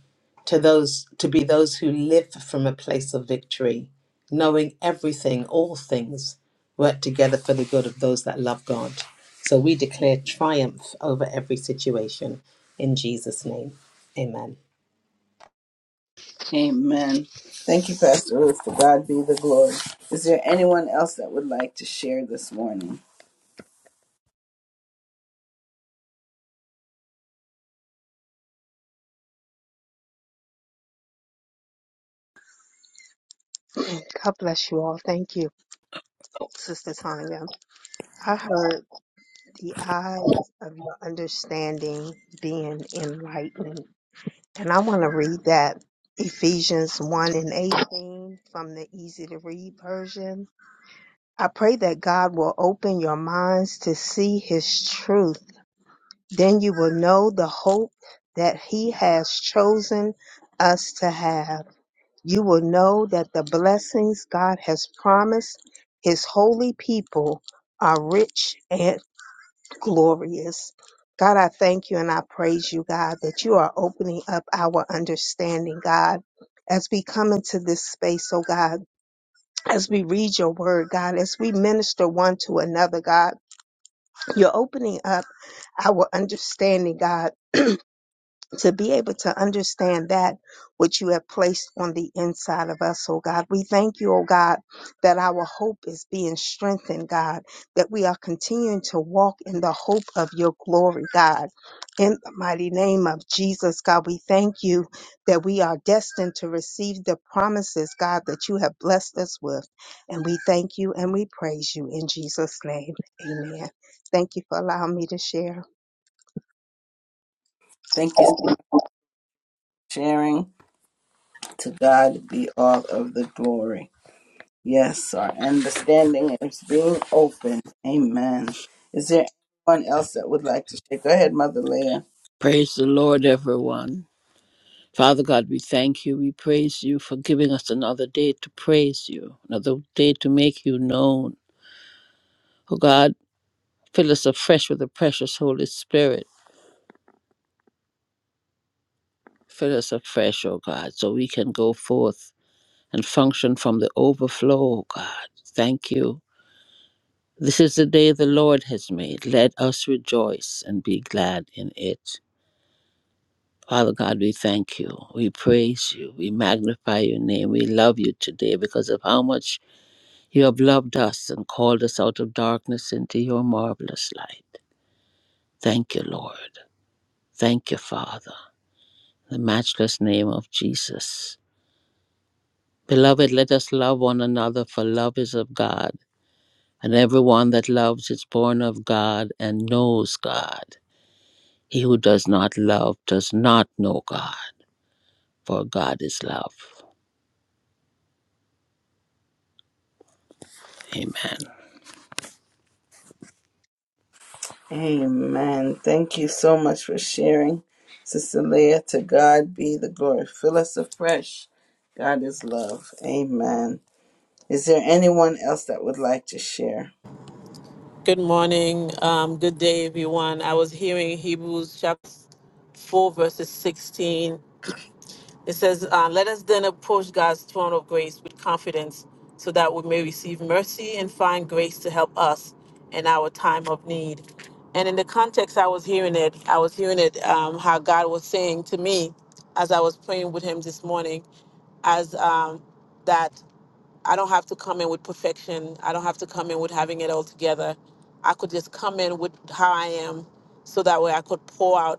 Speaker 4: to those to be those who live from a place of victory, knowing everything, all things work together for the good of those that love God. So we declare triumph over every situation in Jesus' name. Amen.
Speaker 1: Amen. Thank you, Pastor Ruth. To God be the glory. Is there anyone else that would like to share this morning?
Speaker 7: God bless you all. Thank you, Sister Tanya. I heard the eyes of your understanding being enlightened. And I want to read that Ephesians 1 and 18 from the easy to read version. I pray that God will open your minds to see his truth. Then you will know the hope that he has chosen us to have You will know that the blessings God has promised his holy people are rich and glorious. God, I thank you and I praise you, God, that you are opening up our understanding, God, as we come into this space, oh God, as we read your word, God, as we minister one to another, God, you're opening up our understanding, God to be able to understand that which you have placed on the inside of us, oh God. We thank you, oh God, that our hope is being strengthened, God, that we are continuing to walk in the hope of your glory, God. In the mighty name of Jesus, God, we thank you that we are destined to receive the promises, God, that you have blessed us with. And we thank you and we praise you in Jesus' name. Amen. Thank you for allowing me to share.
Speaker 1: Thank you for sharing. To God be all of the glory. Yes, our understanding is being opened. Amen. Is there anyone else that would like to share? Go ahead, Mother Leah.
Speaker 8: Praise the Lord, everyone. Father God, we thank you. We praise you for giving us another day to praise you, another day to make you known. Oh God, fill us afresh with the precious Holy Spirit. Fill us afresh, oh God, so we can go forth and function from the overflow, oh God. Thank you. This is the day the Lord has made. Let us rejoice and be glad in it. Father God, we thank you. We praise you. We magnify your name. We love you today because of how much You have loved us and called us out of darkness into your marvelous light. Thank you, Lord. Thank you, Father. In The matchless name of Jesus. Beloved, let us love one another, for love is of God, and everyone that loves is born of God and knows God. He who does not love does not know God, for God is love. Amen.
Speaker 1: Amen. Thank you so much for sharing, Sister Leah. To God be the glory. Fill us afresh. God is love. Amen. Is there anyone else that would like to share?
Speaker 2: Um, good day, everyone. I was hearing Hebrews chapter 4, verses 16 It says, uh, Let us then approach God's throne of grace with confidence so that we may receive mercy and find grace to help us in our time of need. And in the context I was hearing it, I was hearing it um, how God was saying to me as I was praying with Him this morning, as um, that I don't have to come in with perfection. I don't have to come in with having it all together. I could just come in with how I am so that way I could pour out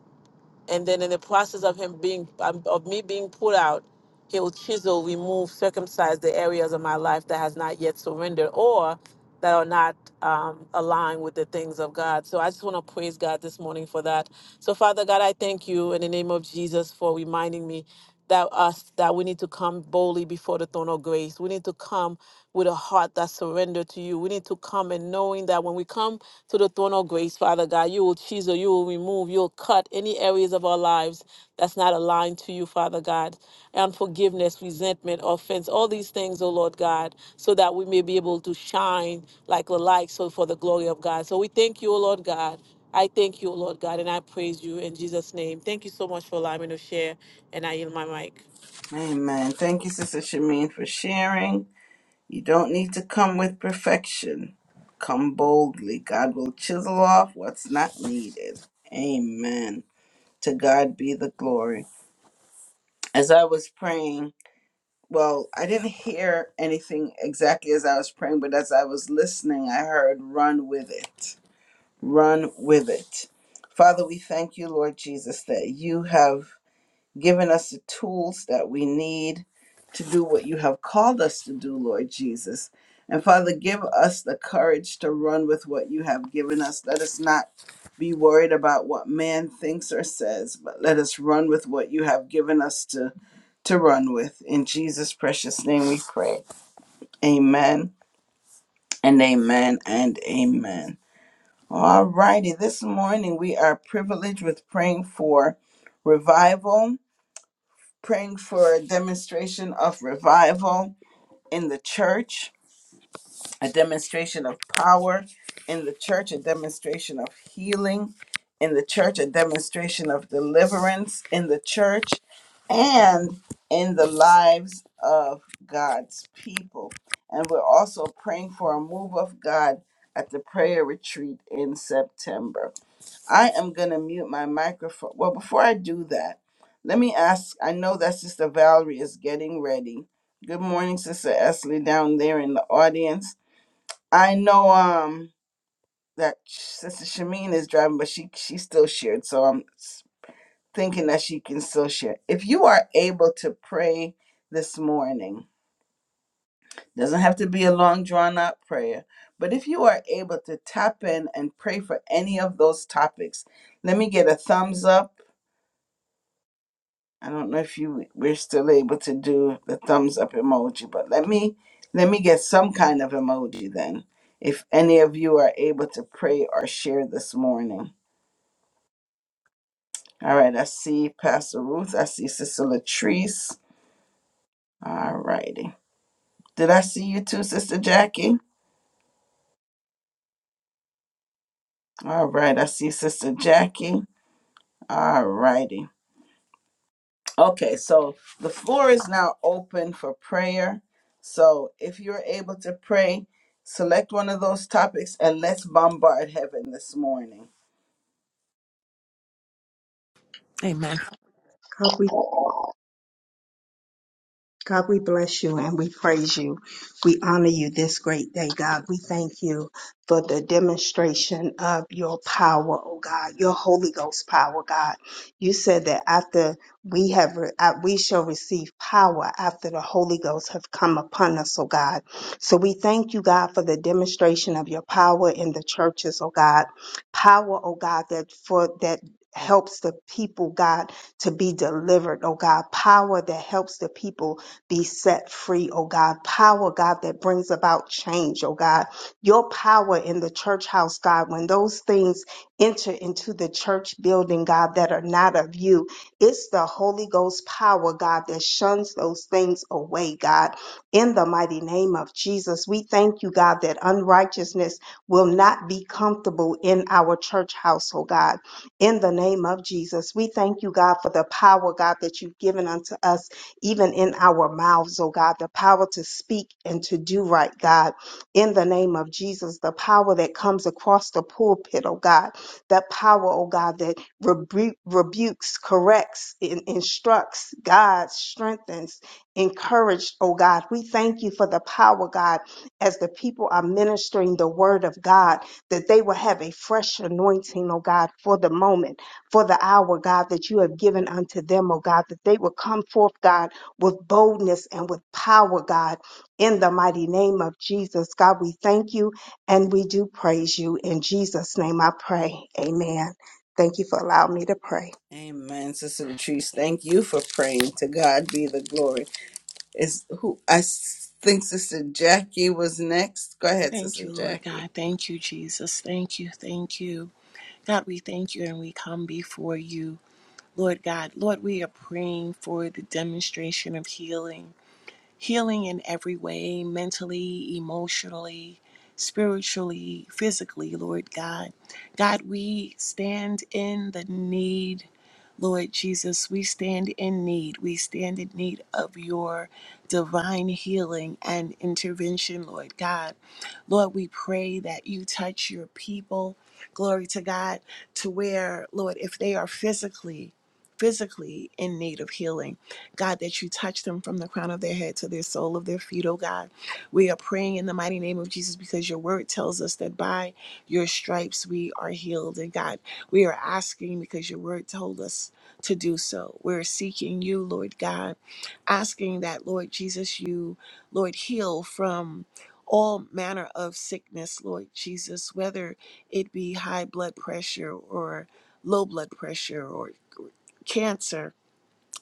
Speaker 2: and then in the process of him being um, of me being pulled out he will chisel remove circumcise the areas of my life that has not yet surrendered or that are not um, aligned with the things of god so i just want to praise god this morning for that so father god i thank you in the name of jesus for reminding me that us that we need to come boldly before the throne of grace we need to come with a heart that's surrendered to you we need to come and knowing that when we come to the throne of grace, Father God. You will chisel, you will remove, you will cut any areas of our lives that's not aligned to you, Father God. Unforgiveness, resentment, offense, all these things, oh Lord God, so that we may be able to shine like a light, so for the glory of God. So we thank you, oh Lord God. I thank you, oh Lord God, and I praise you in Jesus' name. Thank you so much for allowing me to share, and I yield my mic.
Speaker 1: Amen. Thank you, Sister Shamin, for sharing. You don't need to come with perfection. Come boldly. God will chisel off what's not needed. Amen. To God be the glory. As I was praying, well, I didn't hear anything exactly as I was praying, but as I was listening, I heard, run with it. Run with it. Father, we thank you, Lord Jesus, that you have given us the tools that we need to do what you have called us to do, Lord Jesus. And Father, give us the courage to run with what you have given us. Let us not be worried about what man thinks or says, but let us run with what you have given us to, to run with. In Jesus' precious name we pray. Amen and amen and amen. All righty, this morning we are privileged with praying for revival praying for a demonstration of revival in the church, a demonstration of power in the church, a demonstration of healing in the church, a demonstration of deliverance in the church, and in the lives of God's people. And we're also praying for a move of God at the prayer retreat in September. I am going to mute my microphone. Well, before I do that, let me ask I know that Sister Valerie is getting ready. Good morning, Sister Esley, down there in the audience. I know um that Sister Shameen is driving, but she she still shared, so I'm s- thinking that she can still share. If you are able to pray this morning, doesn't have to be a long drawn out prayer, but if you are able to tap in and pray for any of those topics, let me get a thumbs up I don't know if you we're still able to do the thumbs up emoji, but let me let me get some kind of emoji then. If any of you are able to pray or share this morning. All right, I see Pastor Ruth. I see Sister Latrice. All righty. Did I see you too, Sister Jackie? All right, I see Sister Jackie. All righty. Okay, so the floor is now open for prayer. So if you're able to pray, select one of those topics and let's bombard heaven this morning.
Speaker 9: Amen.
Speaker 7: God, we? God, we bless you and we praise you. We honor you this great day, God. We thank you for the demonstration of your power, oh God, your Holy Ghost power, God. You said that after we have, re- uh, we shall receive power after the Holy Ghost have come upon us, oh God. So we thank you, God, for the demonstration of your power in the churches, oh God. Power, oh God, that for that helps the people, God, to be delivered, oh God. Power that helps the people be set free, oh God. Power, God, that brings about change, oh God. Your power in the church house, God, when those things enter into the church building, God, that are not of you, it's the Holy Ghost power, God, that shuns those things away, God. In the mighty name of Jesus, we thank you, God, that unrighteousness will not be comfortable in our church house, oh God in the name of Jesus. We thank you, God, for the power, God, that you've given unto us even in our mouths, oh God, the power to speak and to do right, God, in the name of Jesus, the power that comes across the pulpit, oh God, that power, oh God, that rebu- rebukes, corrects, in- instructs, God, strengthens, encouraged, oh God. We thank you for the power, God, as the people are ministering the word of God, that they will have a fresh anointing, oh God, for the moment, for the hour, God, that you have given unto them, oh God, that they will come forth, God with boldness and with power, God, in the mighty name of Jesus. God, we thank you and we do praise you. In Jesus' name I pray. Amen. Thank you for allowing me to pray.
Speaker 1: Amen. Sister Latrice, thank you for praying. To God be the glory. Is who I s- think Sister Jackie was next. Go ahead,
Speaker 9: Thank
Speaker 1: Sister
Speaker 9: you, Lord God.
Speaker 1: Jackie.
Speaker 9: Thank you, Jesus. Thank you. Thank you. God, we thank you and we come before you. Lord God, Lord, we are praying for the demonstration of healing. healing in every way mentally, emotionally, spiritually, physically, Lord God. God, we stand in the need. Lord Jesus, we stand in need. We stand in need of your divine healing and intervention, Lord God. Lord, we pray that you touch your people. Glory to God, to where, Lord, if they are physically, physically in need of healing, God, that you touch them from the crown of their head to their sole of their feet, oh God. We are praying in the mighty name of Jesus because your word tells us that by your stripes we are healed. And God, we are asking because your word told us to do so. We're seeking you, Lord God, asking that, Lord Jesus, you, Lord, heal from all manner of sickness, Lord Jesus, whether it be high blood pressure or low blood pressure or cancer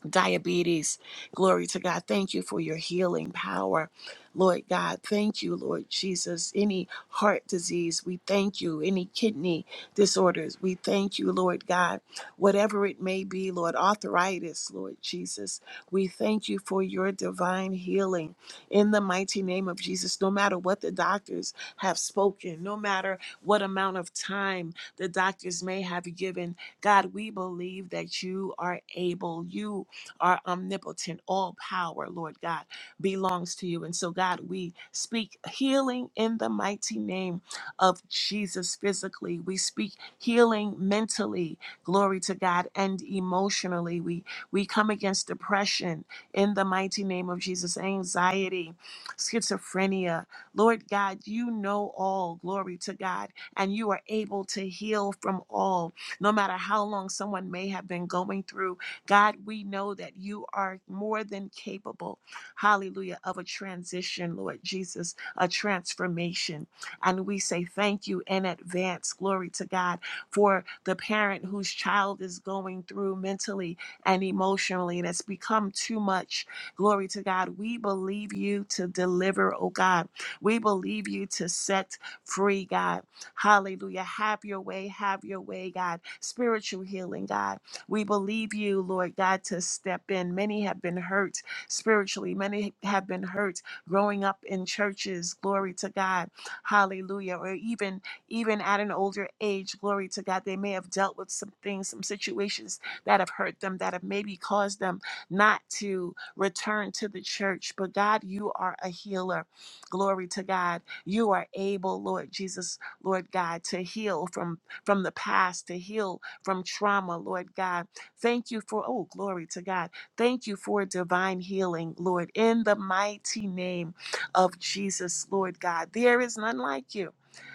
Speaker 9: diabetes. Glory to God. Thank you for your healing power. Lord God, thank you, Lord Jesus. Any heart disease, we thank you. Any kidney disorders, we thank you, Lord God. Whatever it may be, Lord, arthritis, Lord Jesus, we thank you for your divine healing in the mighty name of Jesus. No matter what the doctors have spoken, no matter what amount of time the doctors may have given, God, we believe that you are able. You our omnipotent, all power, Lord God, belongs to you. And so, God, we speak healing in the mighty name of Jesus physically. We speak healing mentally, glory to God, and emotionally. We we come against depression in the mighty name of Jesus, anxiety, schizophrenia. Lord God, you know all, glory to God, and you are able to heal from all, no matter how long someone may have been going through God, we know that you are more than capable, hallelujah, of a transition, Lord Jesus, a transformation. And we say thank you in advance, glory to God, for the parent whose child is going through mentally and emotionally and it's become too much. Glory to God. We believe you to deliver, oh God. We believe you to set free, God. Hallelujah. Have your way, have your way, God. Spiritual healing, God we believe you, Lord God, to step in. Many have been hurt spiritually, many have been hurt growing up in churches. Glory to God. Hallelujah. Or even even at an older age, glory to God, they may have dealt with some things, some situations that have hurt them, that have maybe caused them not to return to the church. But God, you are a healer. Glory to God. You are able, Lord Jesus, Lord God, to heal from from the past, to heal from trauma, Lord God. Thank you for, oh, glory to God. Thank you for divine healing, Lord, in the mighty name of Jesus, Lord God. There is none like you.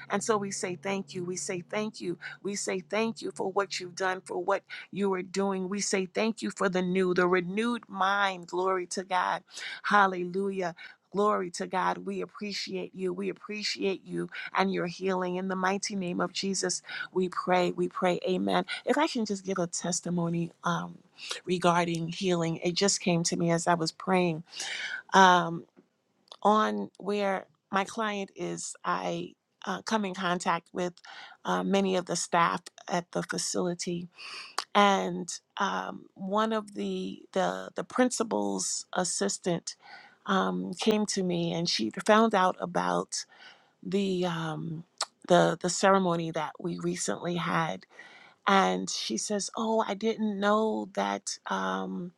Speaker 9: And so we say thank you. We say thank you. We say thank you for what you've done, for what you are doing. We say thank you for the new, the renewed mind. Glory to God. Hallelujah. Glory to God. We appreciate you. We appreciate you and your healing in the mighty name of Jesus. We pray, we pray, amen. If I can just give a testimony um, regarding healing, it just came to me as I was praying. Um, on where my client is, I uh, come in contact with uh, many of the staff at the facility, and um, one of the the the principal's assistant um, came to me, and she found out about the um, the the ceremony that we recently had and she says, "Oh, I didn't know that um,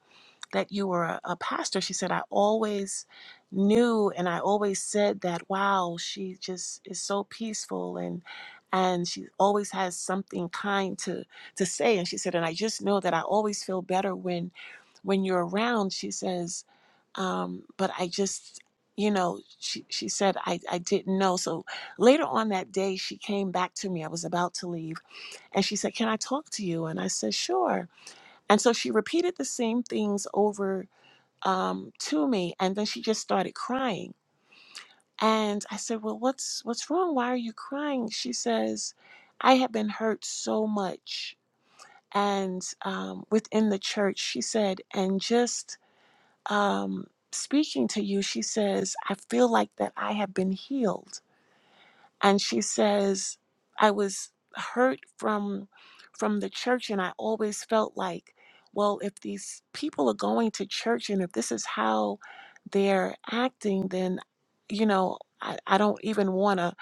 Speaker 9: that you were a, a pastor." She said, "I always knew, and I always said that. Wow, she just is so peaceful, and and she always has something kind to to say." And she said, "And I just know that I always feel better when when you're around." She says, um, "But I just." You know, she, she said, I, I didn't know. So later on that day, she came back to me. I was about to leave and she said, Can I talk to you? And I said, Sure. And so she repeated the same things over um, to me. And then she just started crying. And I said, Well, what's what's wrong? Why are you crying? She says, I have been hurt so much. And um, within the church, she said, and just um, speaking to you, she says, I feel like that I have been healed. and she says i was hurt from from the church and i always felt like well if these people are going to church and if this is how they're acting then you know i, I don't even want a,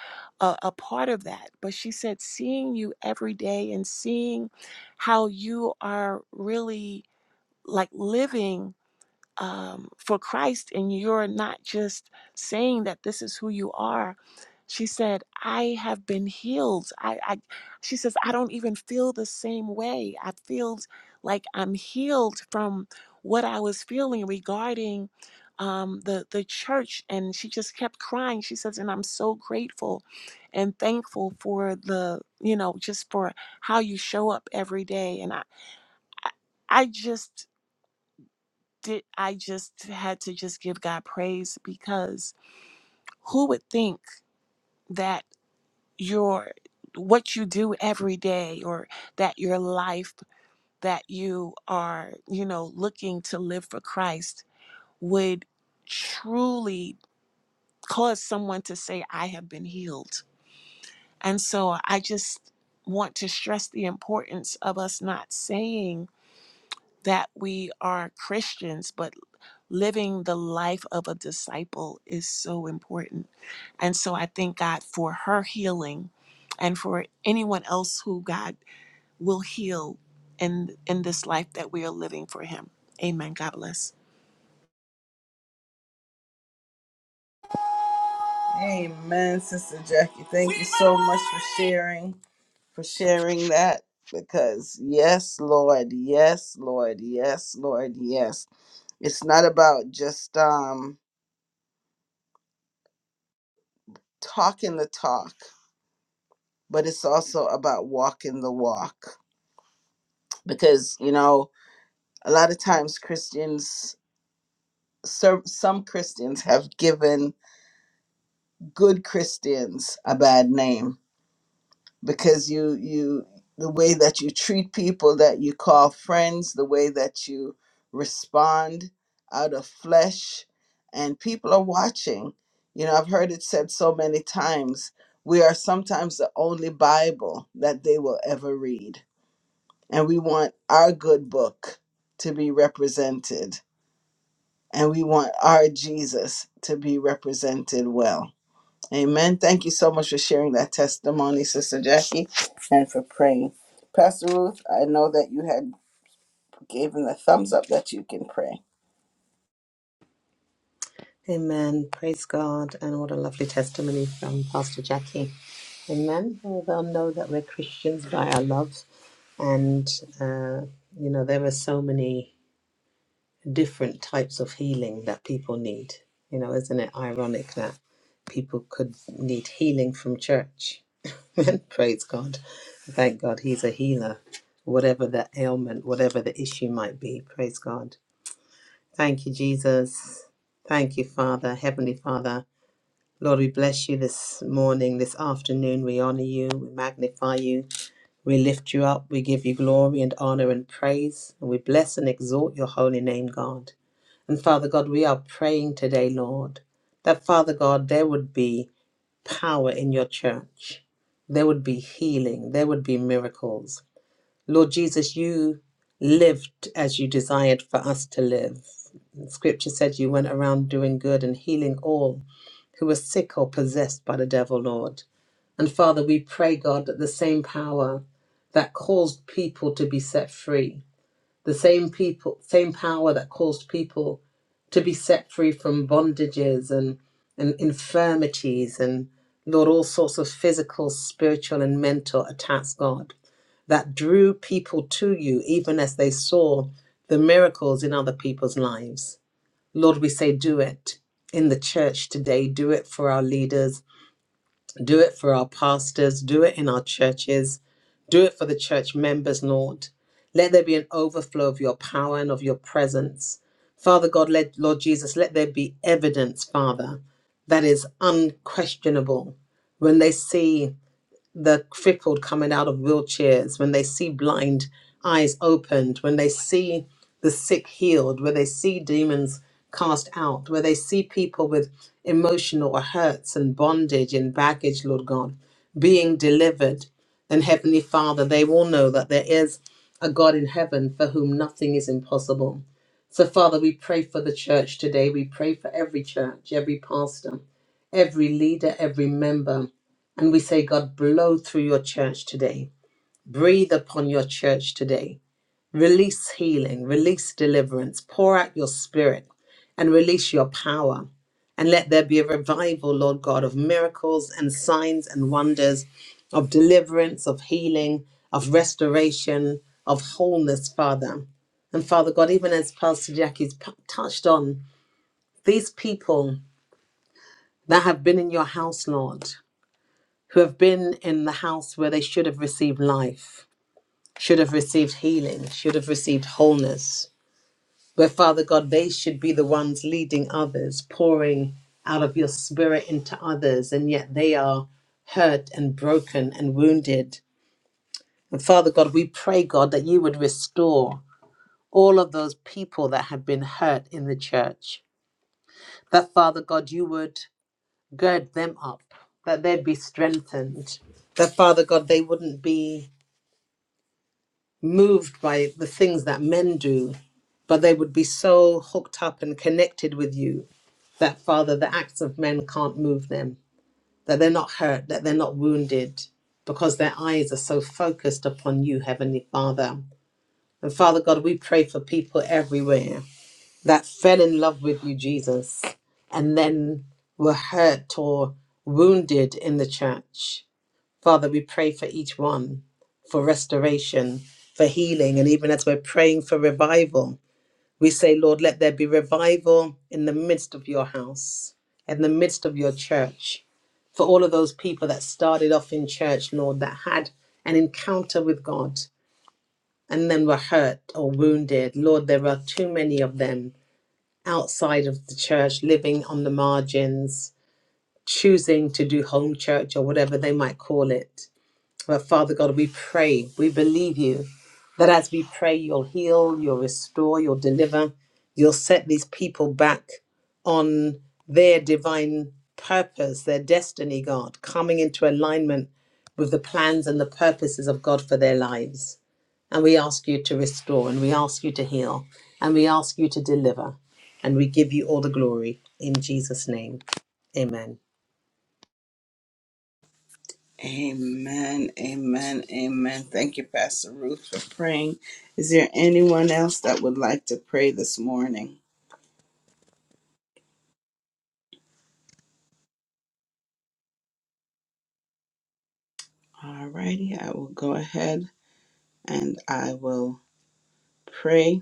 Speaker 9: a a part of that but she said seeing you every day and seeing how you are really like living um, for Christ and you're not just saying that this is who you are. She said, I have been healed. I, I she says, I don't even feel the same way. I feel like I'm healed from what I was feeling regarding um, the the church. And she just kept crying. She says, and I'm so grateful and thankful for the, you know, just for how you show up every day. And I, I, I just did I just had to just give God praise because who would think that your what you do every day or that your life that you are, you know, looking to live for Christ would truly cause someone to say I have been healed. And so I just want to stress the importance of us not saying that we are Christians, but living the life of a disciple is so important. And so I thank God for her healing and for anyone else who God will heal in in this life that we are living for him. Amen. God bless.
Speaker 1: Amen, Sister Jackie. Thank you so much for sharing, for sharing that. Because yes, Lord, yes, Lord, yes, Lord, yes. It's not about just um, talking the talk, but it's also about walking the walk. Because, you know, a lot of times Christians, some some Christians have given good Christians a bad name because you you the way that you treat people that you call friends the way that you respond out of flesh and people are watching you know i've heard it said so many times we are sometimes the only bible that they will ever read and we want our good book to be represented and we want our jesus to be represented well Amen. Thank you so much for sharing that testimony, Sister Jackie, and for praying. Pastor Ruth, I know that you had given the thumbs up that you can pray.
Speaker 4: Amen. Praise God. And what a lovely testimony from Pastor Jackie. Amen. Well, they'll know that we're Christians by our love. And, uh, you know, there are so many different types of healing that people need. You know, isn't it ironic that people could need healing from church? And Praise God. Thank God he's a healer, whatever the ailment, whatever the issue might be. Praise God. Thank you, Jesus. Thank you, Father, Heavenly Father. Lord, we bless you this morning, this afternoon. We honor you, we magnify you. We lift you up. We give you glory and honor and praise. And we bless and exalt your holy name, God. And Father God, we are praying today, Lord, that Father God, there would be power in your church. There would be healing. There would be miracles. Lord Jesus, you lived as you desired for us to live. The scripture said you went around doing good and healing all who were sick or possessed by the devil, Lord. And Father, we pray, God, that the same power that caused people to be set free, the same people, same power that caused people to be set free from bondages and, and infirmities and Lord, all sorts of physical, spiritual, and mental attacks, God, that drew people to you even as they saw the miracles in other people's lives. Lord, we say, do it in the church today. Do it for our leaders. Do it for our pastors. Do it in our churches. Do it for the church members, Lord. Let there be an overflow of your power and of your presence. Father God, let, Lord Jesus, let there be evidence, Father, that is unquestionable. When they see the crippled coming out of wheelchairs, when they see blind eyes opened, when they see the sick healed, where they see demons cast out, where they see people with emotional hurts and bondage and baggage, Lord God, being delivered. And Heavenly Father, they will know that there is a God in heaven for whom nothing is impossible. So, Father, we pray for the church today. We pray for every church, every pastor, every leader, every member. And we say, God, blow through your church today. Breathe upon your church today. Release healing, release deliverance, pour out your spirit and release your power. And let there be a revival, Lord God, of miracles and signs and wonders, of deliverance, of healing, of restoration, of wholeness, Father. And Father God, even as Pastor Jackie's p- touched on, these people that have been in your house, Lord who have been in the house where they should have received life, should have received healing, should have received wholeness, where Father God, they should be the ones leading others, pouring out of your spirit into others, and yet they are hurt and broken and wounded. And Father God, we pray, God, that you would restore all of those people that have been hurt in the church, that Father God, you would gird them up, that they'd be strengthened, that Father God, they wouldn't be moved by the things that men do, but they would be so hooked up and connected with you that, Father, the acts of men can't move them, that they're not hurt, that they're not wounded, because their eyes are so focused upon you, Heavenly Father. And Father God, we pray for people everywhere that fell in love with you, Jesus, and then were hurt or wounded in the church Father, we pray for each one for restoration, for healing, and even as we're praying for revival, we say, Lord, let there be revival in the midst of your house, in the midst of your church. For all of those people that started off in church, Lord, that had an encounter with God and then were hurt or wounded. Lord, there are too many of them outside of the church, living on the margins, choosing to do home church or whatever they might call it. But Father God, we pray, we believe you that as we pray, you'll heal, you'll restore, you'll deliver, you'll set these people back on their divine purpose, their destiny, God, coming into alignment with the plans and the purposes of God for their lives. And we ask you to restore, and we ask you to heal, and we ask you to deliver, and we give you all the glory in Jesus' name. Amen.
Speaker 1: Amen. Amen. Amen. Thank you, Pastor Ruth, for praying. Is there anyone else that would like to pray this morning? All righty, I will go ahead and I will pray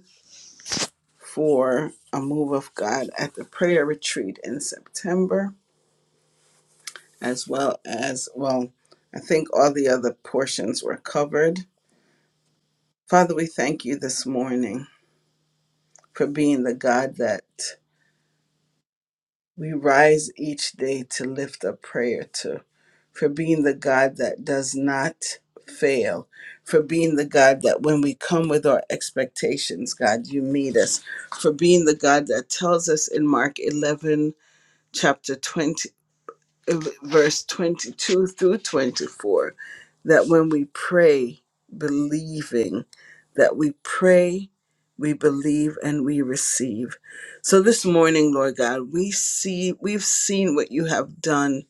Speaker 1: for a move of God at the prayer retreat in September. as well as, well, I think all the other portions were covered. Father, we thank you this morning for being the God that we rise each day to lift up prayer to, for being the God that does not fail, for being the God that when we come with our expectations, God, you meet us, for being the God that tells us in Mark 11, chapter 20. verse 22 through 24 that when we pray believing that we pray we believe and we receive so this morning lord god we see we've seen what you have done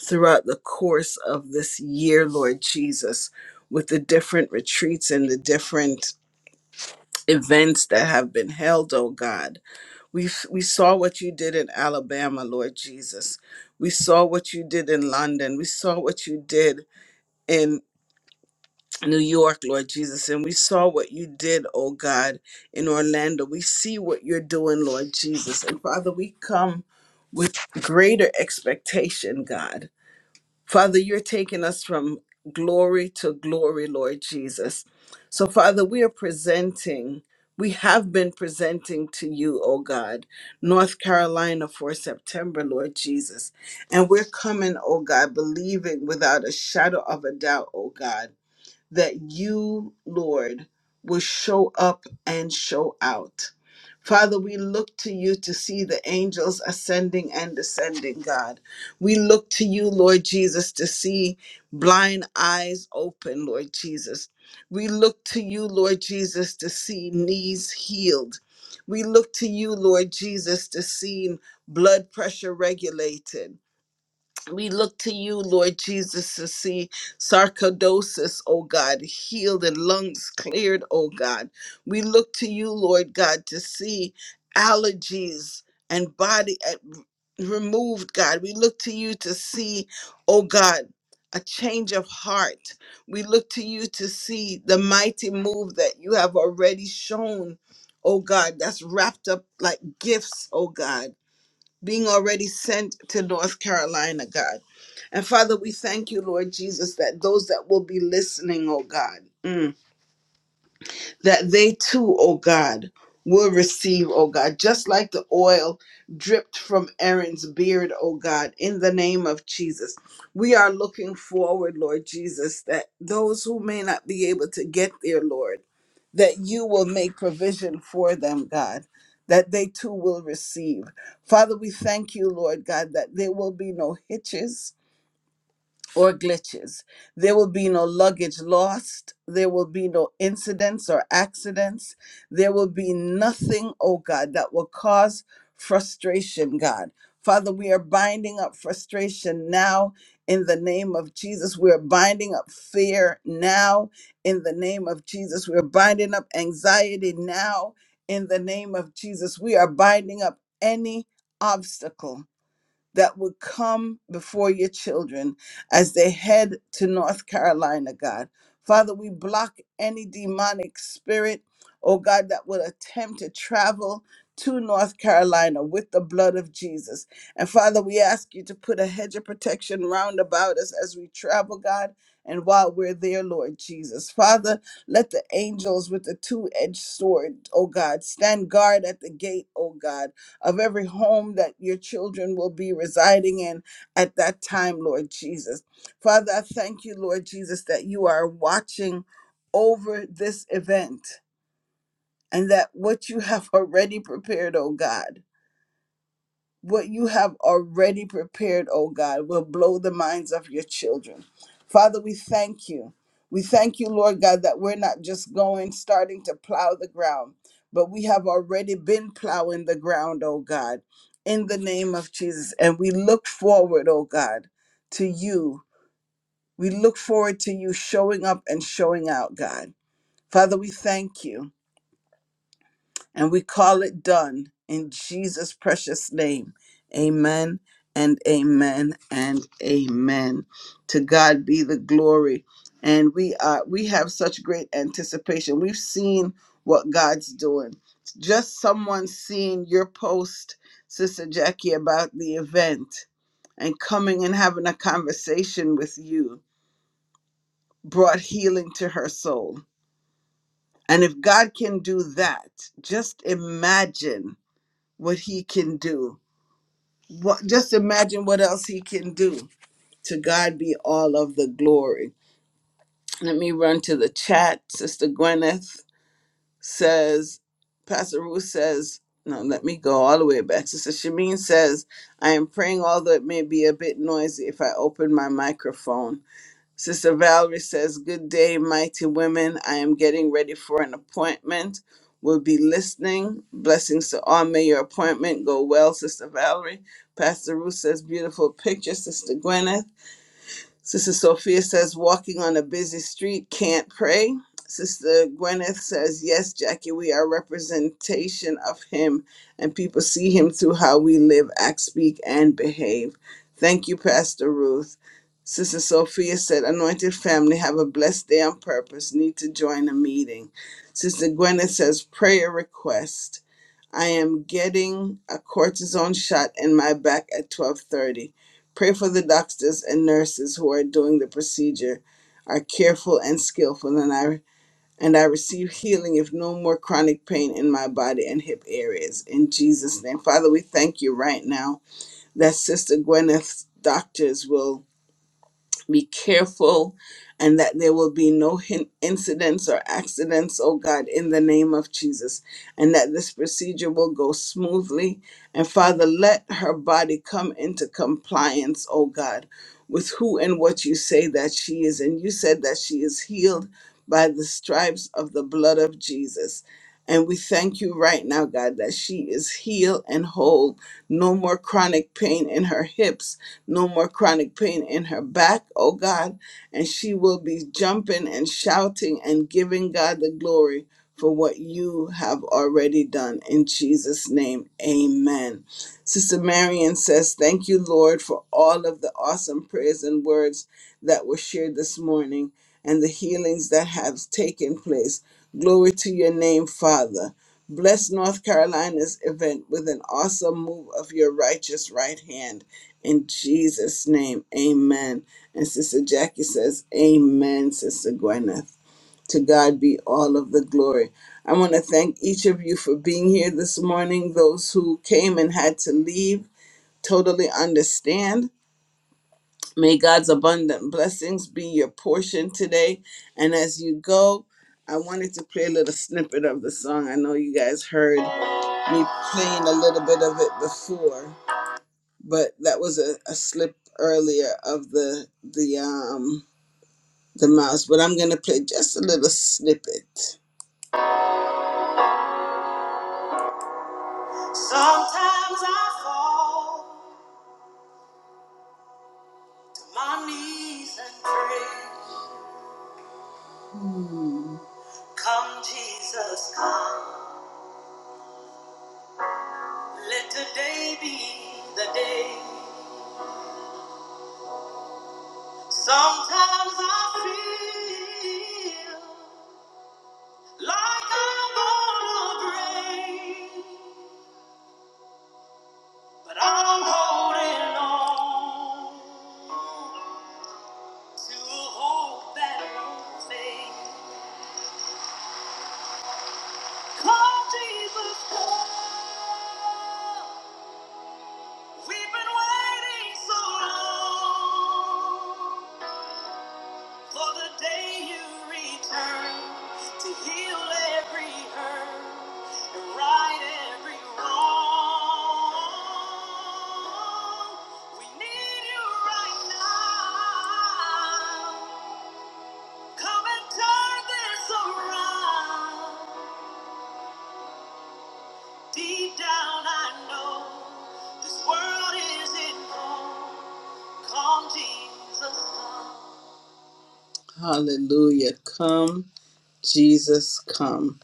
Speaker 1: throughout the course of this year lord jesus with the different retreats and the different events that have been held oh god we, s- we saw what you did in Alabama, Lord Jesus. We saw what you did in London. We saw what you did in New York, Lord Jesus. And we saw what you did, oh God, in Orlando. We see what you're doing, Lord Jesus. And Father, we come with greater expectation, God. Father, you're taking us from glory to glory, Lord Jesus. So, Father, we are presenting, we have been presenting to you, oh God, North Carolina for September, Lord Jesus. And we're coming, oh God, believing without a shadow of a doubt, oh God that you, Lord, will show up and show out. Father, we look to you to see the angels ascending and descending, God. We look to you, Lord Jesus, to see blind eyes open, Lord Jesus. We look to you, Lord Jesus, to see knees healed. We look to you, Lord Jesus, to see blood pressure regulated. We look to you, Lord Jesus, to see sarcoidosis, oh God, healed and lungs cleared, oh God. We look to you, Lord God, to see allergies and body at, removed, God. We look to you to see, oh God, a change of heart. We look to you to see the mighty move that you have already shown, oh God, that's wrapped up like gifts, oh God, being already sent to North Carolina, God. And Father, we thank you, Lord Jesus, that those that will be listening, oh God, mm, that they too, oh God, will receive, oh God, just like the oil dripped from Aaron's beard, oh God, in the name of Jesus. We are looking forward, Lord Jesus, that those who may not be able to get there, Lord, that you will make provision for them, God. That they too will receive. Father, we thank you, Lord God, that there will be no hitches, or glitches. There will be no luggage lost. There will be no incidents or accidents. There will be nothing, oh God, that will cause frustration, God. Father, we are binding up frustration now in the name of Jesus. We are binding up fear now in the name of Jesus. We are binding up anxiety now in the name of Jesus. We are binding up any obstacle that would come before your children as they head to North Carolina, God. Father, we block any demonic spirit, oh God, that would attempt to travel to North Carolina with the blood of Jesus. And Father, we ask you to put a hedge of protection round about us as we travel, God, and while we're there, Lord Jesus. Father, let the angels with the two edged sword, oh God, stand guard at the gate, oh God of every home that your children will be residing in at that time, Lord Jesus. Father, I thank you, Lord Jesus, that you are watching over this event and that what you have already prepared, oh God what you have already prepared, oh God, will blow the minds of your children. Father, we thank you. We thank you, Lord God, that we're not just going, starting to plow the ground, but we have already been plowing the ground, oh God, in the name of Jesus. And we look forward, oh God, to you. We look forward to you showing up and showing out, God. Father, we thank you. And we call it done in Jesus' precious name. Amen and amen and amen. To God be the glory. And we are we have such great anticipation. We've seen what God's doing. Just someone seeing your post, Sister Jackie, about the event and coming and having a conversation with you brought healing to her soul. And if God can do that, just imagine what he can do. What, just imagine what else he can do. To God be all of the glory. Let me run to the chat. Sister Gwyneth says, Pastor Ruth says, no, let me go all the way back. Sister Shamin says, I am praying, although it may be a bit noisy if I open my microphone. Sister Valerie says, Good day, mighty women. I am getting ready for an appointment. We'll be listening. Blessings to all. May your appointment go well, Sister Valerie. Pastor Ruth says, Beautiful picture, Sister Gwyneth. Sister Sophia says, walking on a busy street can't pray. Sister Gwyneth says, yes, Jackie, we are representation of him, and people see him through how we live, act, speak, and behave. Thank you, Pastor Ruth. Sister Sophia said, Anointed family, have a blessed day on purpose. Need to join a meeting. Sister Gwyneth says, Prayer request. I am getting a cortisone shot in my back at 12:30. Pray for the doctors and nurses who are doing the procedure are careful and skillful and I and I receive healing if no more chronic pain in my body and hip areas in Jesus name. Father, we thank you right now that Sister Gwyneth's doctors will be careful, and that there will be no hin- incidents or accidents, oh God, in the name of Jesus, and that this procedure will go smoothly. And Father, let her body come into compliance, oh God, with who and what you say that she is. And you said that she is healed by the stripes of the blood of Jesus. And we thank you right now, God, that she is healed and whole. No more chronic pain in her hips no more chronic pain in her back, oh God. And she will be jumping and shouting and giving God the glory for what you have already done. In Jesus' name, amen. Sister Marion says, Thank you, Lord, for all of the awesome prayers and words that were shared this morning and the healings that have taken place. Glory to your name, Father. Bless North Carolina's event with an awesome move of your righteous right hand. In Jesus' name, amen. And Sister Jackie says, Amen, Sister Gwyneth. To God be all of the glory. I want to thank each of you for being here this morning. Those who came and had to leave totally understand. May God's abundant blessings be your portion today. And as you go, I wanted to play a little snippet of the song. I know you guys heard me playing a little bit of it before but that was a, a slip earlier of the the um the mouse but i'm gonna play just a little snippet sometimes i fall to my knees and pray Hmm. come jesus come let today be the day sometimes i feel like i'm gonna break But I'm holding on to hope that won't fade. Come, Jesus, come. We've been waiting so long. For the day you return to heal every hurt and right every wrong. We need you right now. Come and turn this around. Deep down, I know this world isn't home. Come, Jesus, come. Hallelujah. Come. Jesus come.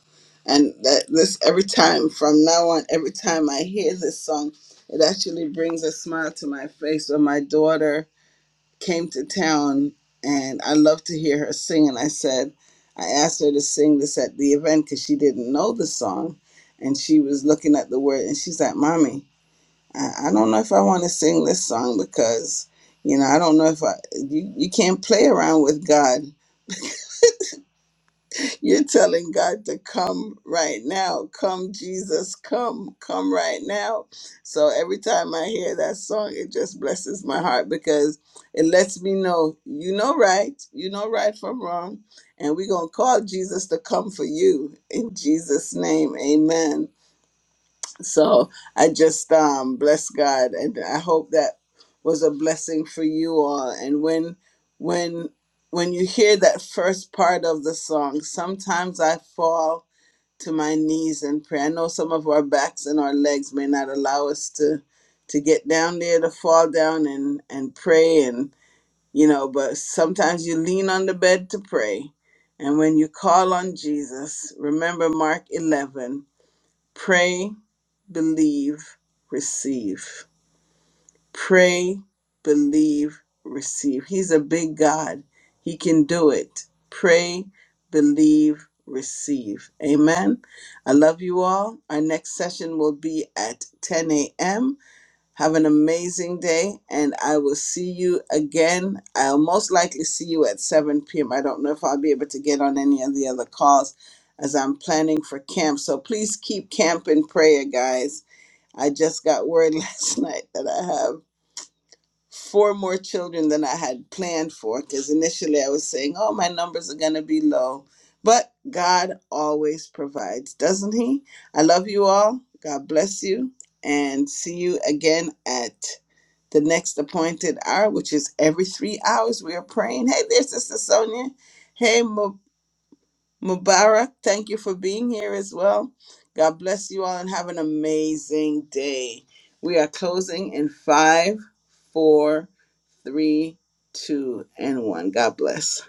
Speaker 1: And that this every time from now on, every time I hear this song, it actually brings a smile to my face. When my daughter came to town and I love to hear her sing, and I said, I asked her to sing this at the event because she didn't know the song. And she was looking at the word and she's like, Mommy, I, I don't know if I want to sing this song because, you know, I don't know if I, you, you can't play around with God You're telling God to come right now. Come, Jesus, come, come right now. So every time I hear that song, it just blesses my heart because it lets me know you know right, you know right from wrong. And we're going to call Jesus to come for you in Jesus' name. Amen. So I just um, bless God, and I hope that was a blessing for you all. And when when when you hear that first part of the song, sometimes I fall to my knees in prayer. I know some of our backs and our legs may not allow us to to get down there to fall down and and pray and you know, but sometimes you lean on the bed to pray. And when you call on Jesus, remember Mark 11, pray believe, receive. Pray, believe, receive. He's a big God. He can do it. Pray, believe, receive. Amen. I love you all. Our next session will be at 10 a.m. Have an amazing day, and I will see you again. I'll most likely see you at 7 p.m. I don't know if I'll be able to get on any of the other calls as I'm planning for camp. So please keep camp in prayer, guys I just got word last night that I have four more children than I had planned for because initially I was saying, oh, my numbers are going to be low. But God always provides, doesn't He? I love you all. God bless you. And see you again at the next appointed hour, which is every three hours. We are praying. Hey there, Sister Sonia. Hey, Mubarak, thank you for being here as well. God bless you all and have an amazing day. We are closing in five, four, three, two, and one. God bless.